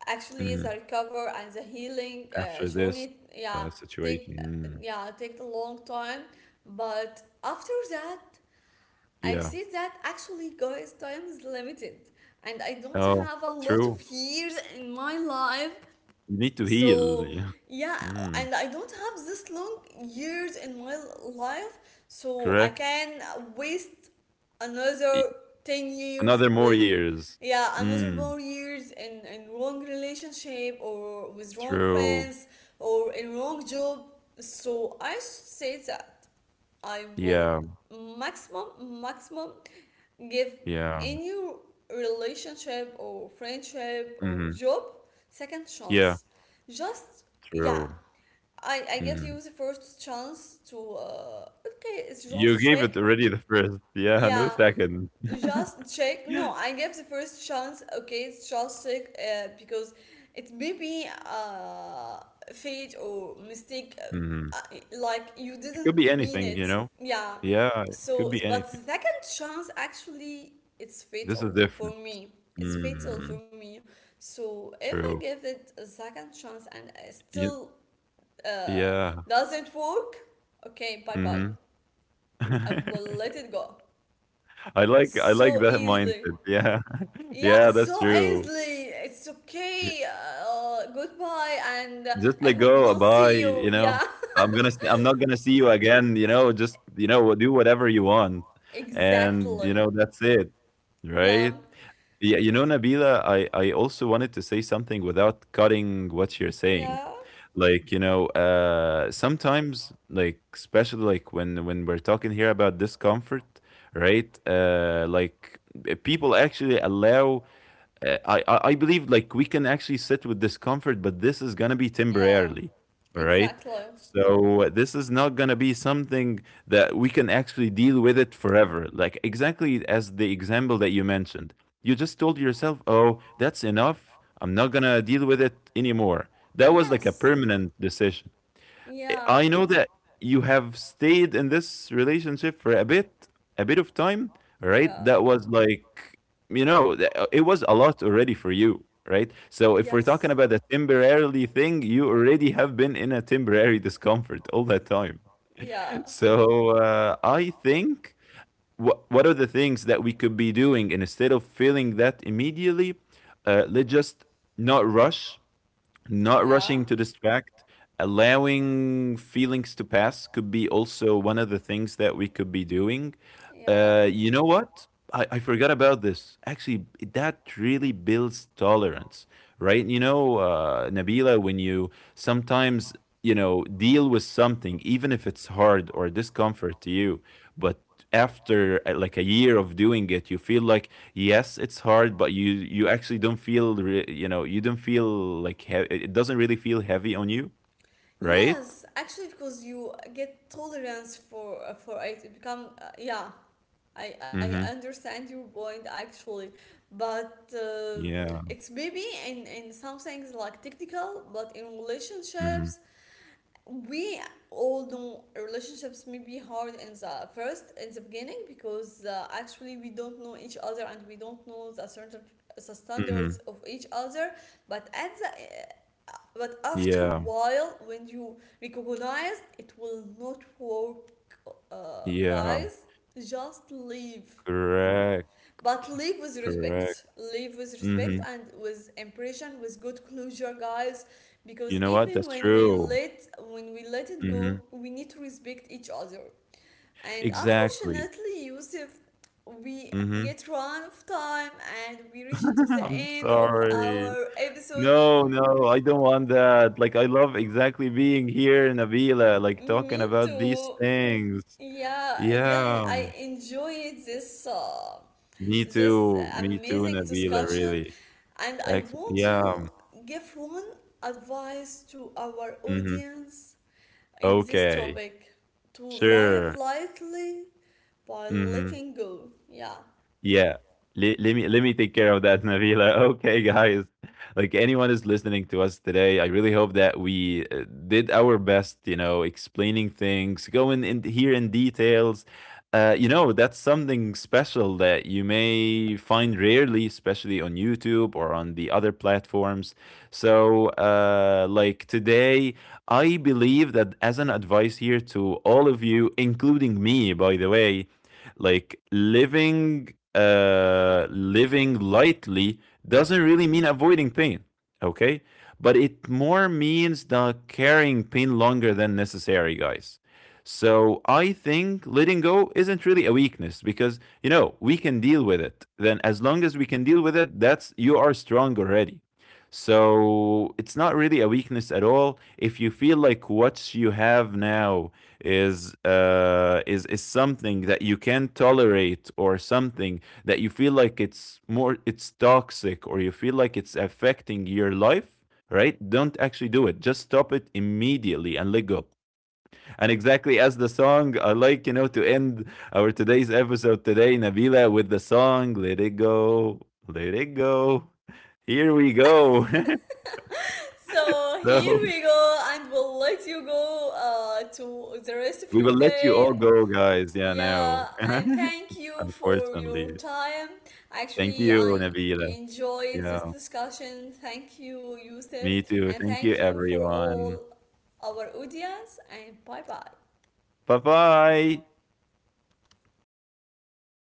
Speaker 1: actually the
Speaker 2: Mm,
Speaker 1: recover and the healing
Speaker 2: after this
Speaker 1: journey take
Speaker 2: situation. Mm,
Speaker 1: yeah take a long time, but after that I
Speaker 2: yeah.
Speaker 1: see that actually, guys, time is limited, and I don't
Speaker 2: Oh,
Speaker 1: have a lot of
Speaker 2: true.
Speaker 1: years in my life,
Speaker 2: You need to heal.
Speaker 1: so
Speaker 2: Yeah.
Speaker 1: yeah,
Speaker 2: Mm,
Speaker 1: and I don't have this long years in my life, so I
Speaker 2: correct.
Speaker 1: can waste another
Speaker 2: E-
Speaker 1: 10 years
Speaker 2: Another more
Speaker 1: with
Speaker 2: years.
Speaker 1: yeah another
Speaker 2: Mm,
Speaker 1: more years in wrong relationship or with wrong
Speaker 2: true.
Speaker 1: friends or in wrong job. So I should say that I will
Speaker 2: Yeah.
Speaker 1: maximum maximum give
Speaker 2: Yeah.
Speaker 1: in your relationship or friendship
Speaker 2: Hmm.
Speaker 1: or job second
Speaker 2: Yeah.
Speaker 1: chance. Just yeah,
Speaker 2: True.
Speaker 1: I give
Speaker 2: Mm.
Speaker 1: you the first chance to okay, it's
Speaker 2: You
Speaker 1: just
Speaker 2: gave it
Speaker 1: check.
Speaker 2: already the first. *laughs* Yeah. No
Speaker 1: Yeah,
Speaker 2: second. *laughs*
Speaker 1: just check. No, I gave the first chance, okay, it's just check, because it may be fate or mistake,
Speaker 2: Mhm.
Speaker 1: like you
Speaker 2: It
Speaker 1: didn't
Speaker 2: could be
Speaker 1: mean
Speaker 2: anything, you
Speaker 1: it,
Speaker 2: know?
Speaker 1: yeah.
Speaker 2: Yeah. It could
Speaker 1: So
Speaker 2: be
Speaker 1: but the
Speaker 2: anything.
Speaker 1: second chance actually, it's
Speaker 2: This is
Speaker 1: fatal
Speaker 2: different.
Speaker 1: for me it's fatal
Speaker 2: Mm,
Speaker 1: for me So if I
Speaker 2: true.
Speaker 1: give it a second chance and I
Speaker 2: You,
Speaker 1: still uh
Speaker 2: yeah.
Speaker 1: doesn't work, okay, bye bye,
Speaker 2: Hmm.
Speaker 1: I
Speaker 2: *laughs*
Speaker 1: will let it go
Speaker 2: I like
Speaker 1: so
Speaker 2: that
Speaker 1: easily.
Speaker 2: mindset. Yeah. *laughs*
Speaker 1: Yeah,
Speaker 2: Yeah, that's
Speaker 1: so
Speaker 2: true.
Speaker 1: easily. It's okay. Goodbye, and
Speaker 2: Just let
Speaker 1: I hope
Speaker 2: go.
Speaker 1: not
Speaker 2: Bye.
Speaker 1: see
Speaker 2: You
Speaker 1: you.
Speaker 2: know,
Speaker 1: Yeah,
Speaker 2: I'm gonna. I'm not gonna see you again. You know, just you know, do whatever you want,
Speaker 1: *laughs*
Speaker 2: and you
Speaker 1: exactly.
Speaker 2: know that's it, right?
Speaker 1: Yeah,
Speaker 2: Yeah. You know, Nabila, I also wanted to say something without cutting what you're saying.
Speaker 1: yeah,
Speaker 2: Like you know, sometimes like especially like when we're talking here about discomfort, right? Like people actually allow I believe like we can actually sit with discomfort, but this is gonna be
Speaker 1: yeah,
Speaker 2: temporarily, all right?
Speaker 1: exactly.
Speaker 2: So this is not gonna be something that we can actually deal with it forever. Like exactly as the example that you mentioned, you just told yourself, "Oh, that's enough. I'm not gonna deal with it anymore." That was like a
Speaker 1: Yes,
Speaker 2: permanent decision.
Speaker 1: yeah,
Speaker 2: I know that you have stayed in this relationship for a bit of time, right?
Speaker 1: yeah,
Speaker 2: That was like, you know, it was a lot already for you, right? So if we're talking
Speaker 1: yes,
Speaker 2: about a temporarily thing, you already have been in a temporary discomfort all that time. *laughs*
Speaker 1: yeah,
Speaker 2: So I think what are the things that we could be doing and instead of feeling that immediately? Let's just not rush not
Speaker 1: yeah,
Speaker 2: rushing to distract, allowing feelings to pass could be also one of the things that we could be doing.
Speaker 1: yeah.
Speaker 2: You know what? I forgot about this. Actually, that really builds tolerance, right? You know, Nabila, when you sometimes, you know, deal with something, even if it's hard or discomfort to you, but after like a year of doing it, you feel like yes it's hard but you actually don't feel you know you don't feel like it doesn't really feel heavy on you, right.
Speaker 1: Yes, actually, because you get tolerance for it, it become yeah. I
Speaker 2: Mm-hmm.
Speaker 1: understand your point actually, but
Speaker 2: Yeah.
Speaker 1: it's maybe in some things like technical, but in
Speaker 2: Mm-hmm.
Speaker 1: relationships, we all know relationships may be hard in the first, in the beginning, because actually we don't know each other, and we don't know the certain the
Speaker 2: Mm-hmm.
Speaker 1: standards of each other. But at the, but after a
Speaker 2: Yeah.
Speaker 1: while, when you recognize it will not work,
Speaker 2: Yeah.
Speaker 1: guys, just leave,
Speaker 2: Correct.
Speaker 1: but leave with
Speaker 2: Correct.
Speaker 1: respect. Leave with
Speaker 2: Mm-hmm.
Speaker 1: respect and with impression, with good closure, guys.
Speaker 2: You
Speaker 1: Because
Speaker 2: know what,
Speaker 1: even
Speaker 2: that's true.
Speaker 1: when we let it go,
Speaker 2: Mm-hmm.
Speaker 1: we need to respect each other. And
Speaker 2: Exactly.
Speaker 1: unfortunately, Yusuf, we
Speaker 2: Mm-hmm.
Speaker 1: get run of time, and we reach to the
Speaker 2: *laughs* I'm
Speaker 1: end of
Speaker 2: sorry.
Speaker 1: our episode.
Speaker 2: No, no, I don't want that. Like I love exactly being here in Avila, like talking
Speaker 1: Me
Speaker 2: about these
Speaker 1: too.
Speaker 2: things.
Speaker 1: Yeah, I
Speaker 2: Yeah.
Speaker 1: really, I enjoyed this
Speaker 2: Me
Speaker 1: this
Speaker 2: too. Me too,
Speaker 1: amazing
Speaker 2: Nabila,
Speaker 1: discussion,
Speaker 2: really.
Speaker 1: and I
Speaker 2: Ac
Speaker 1: want you
Speaker 2: yeah.
Speaker 1: give one advice to our
Speaker 2: Mhm.
Speaker 1: audience in this
Speaker 2: Okay.
Speaker 1: topic to live
Speaker 2: Sure.
Speaker 1: lightly by
Speaker 2: Mhm.
Speaker 1: letting go. Yeah.
Speaker 2: Yeah. Let me take care of that, Navila. *laughs* Okay, guys. Like anyone is listening to us today, I really hope that we did our best, you know, explaining things, going in here in details. You know, that's something special that you may find rarely, especially on YouTube or on the other platforms. So, like today, I believe that as an advice here to all of you, including me, by the way, like living lightly doesn't really mean avoiding pain, okay, but it more means not carrying pain longer than necessary, guys. So I think letting go isn't really a weakness because you know we can deal with it then. As long as we can deal with it, that's you are strong already. So it's not really a weakness at all. If you feel like what you have now is is something that you can tolerate or something that you feel like it's more it's toxic or you feel like it's affecting your life, right, don't actually do it. Just stop it immediately and let go. And exactly as the song, I like, you know, to end our today's episode today, Nabila, with the song, let it go. Let it go. Here we go.
Speaker 1: So
Speaker 2: *laughs*
Speaker 1: here
Speaker 2: So
Speaker 1: we go, and we'll let you go to the rest of
Speaker 2: we
Speaker 1: your
Speaker 2: will let you
Speaker 1: day.
Speaker 2: all go, guys, yeah,
Speaker 1: Yeah,
Speaker 2: now.
Speaker 1: and thank
Speaker 2: *laughs*
Speaker 1: you for your
Speaker 2: Unfortunately.
Speaker 1: time.
Speaker 2: Thank
Speaker 1: Actually,
Speaker 2: you,
Speaker 1: I
Speaker 2: Nabila.
Speaker 1: enjoyed this
Speaker 2: Yeah,
Speaker 1: discussion. Thank you, Yusuf,
Speaker 2: me
Speaker 1: and
Speaker 2: too. Thank
Speaker 1: thank
Speaker 2: you,
Speaker 1: you for all
Speaker 2: everyone.
Speaker 1: our audience. And bye bye.
Speaker 2: Bye bye.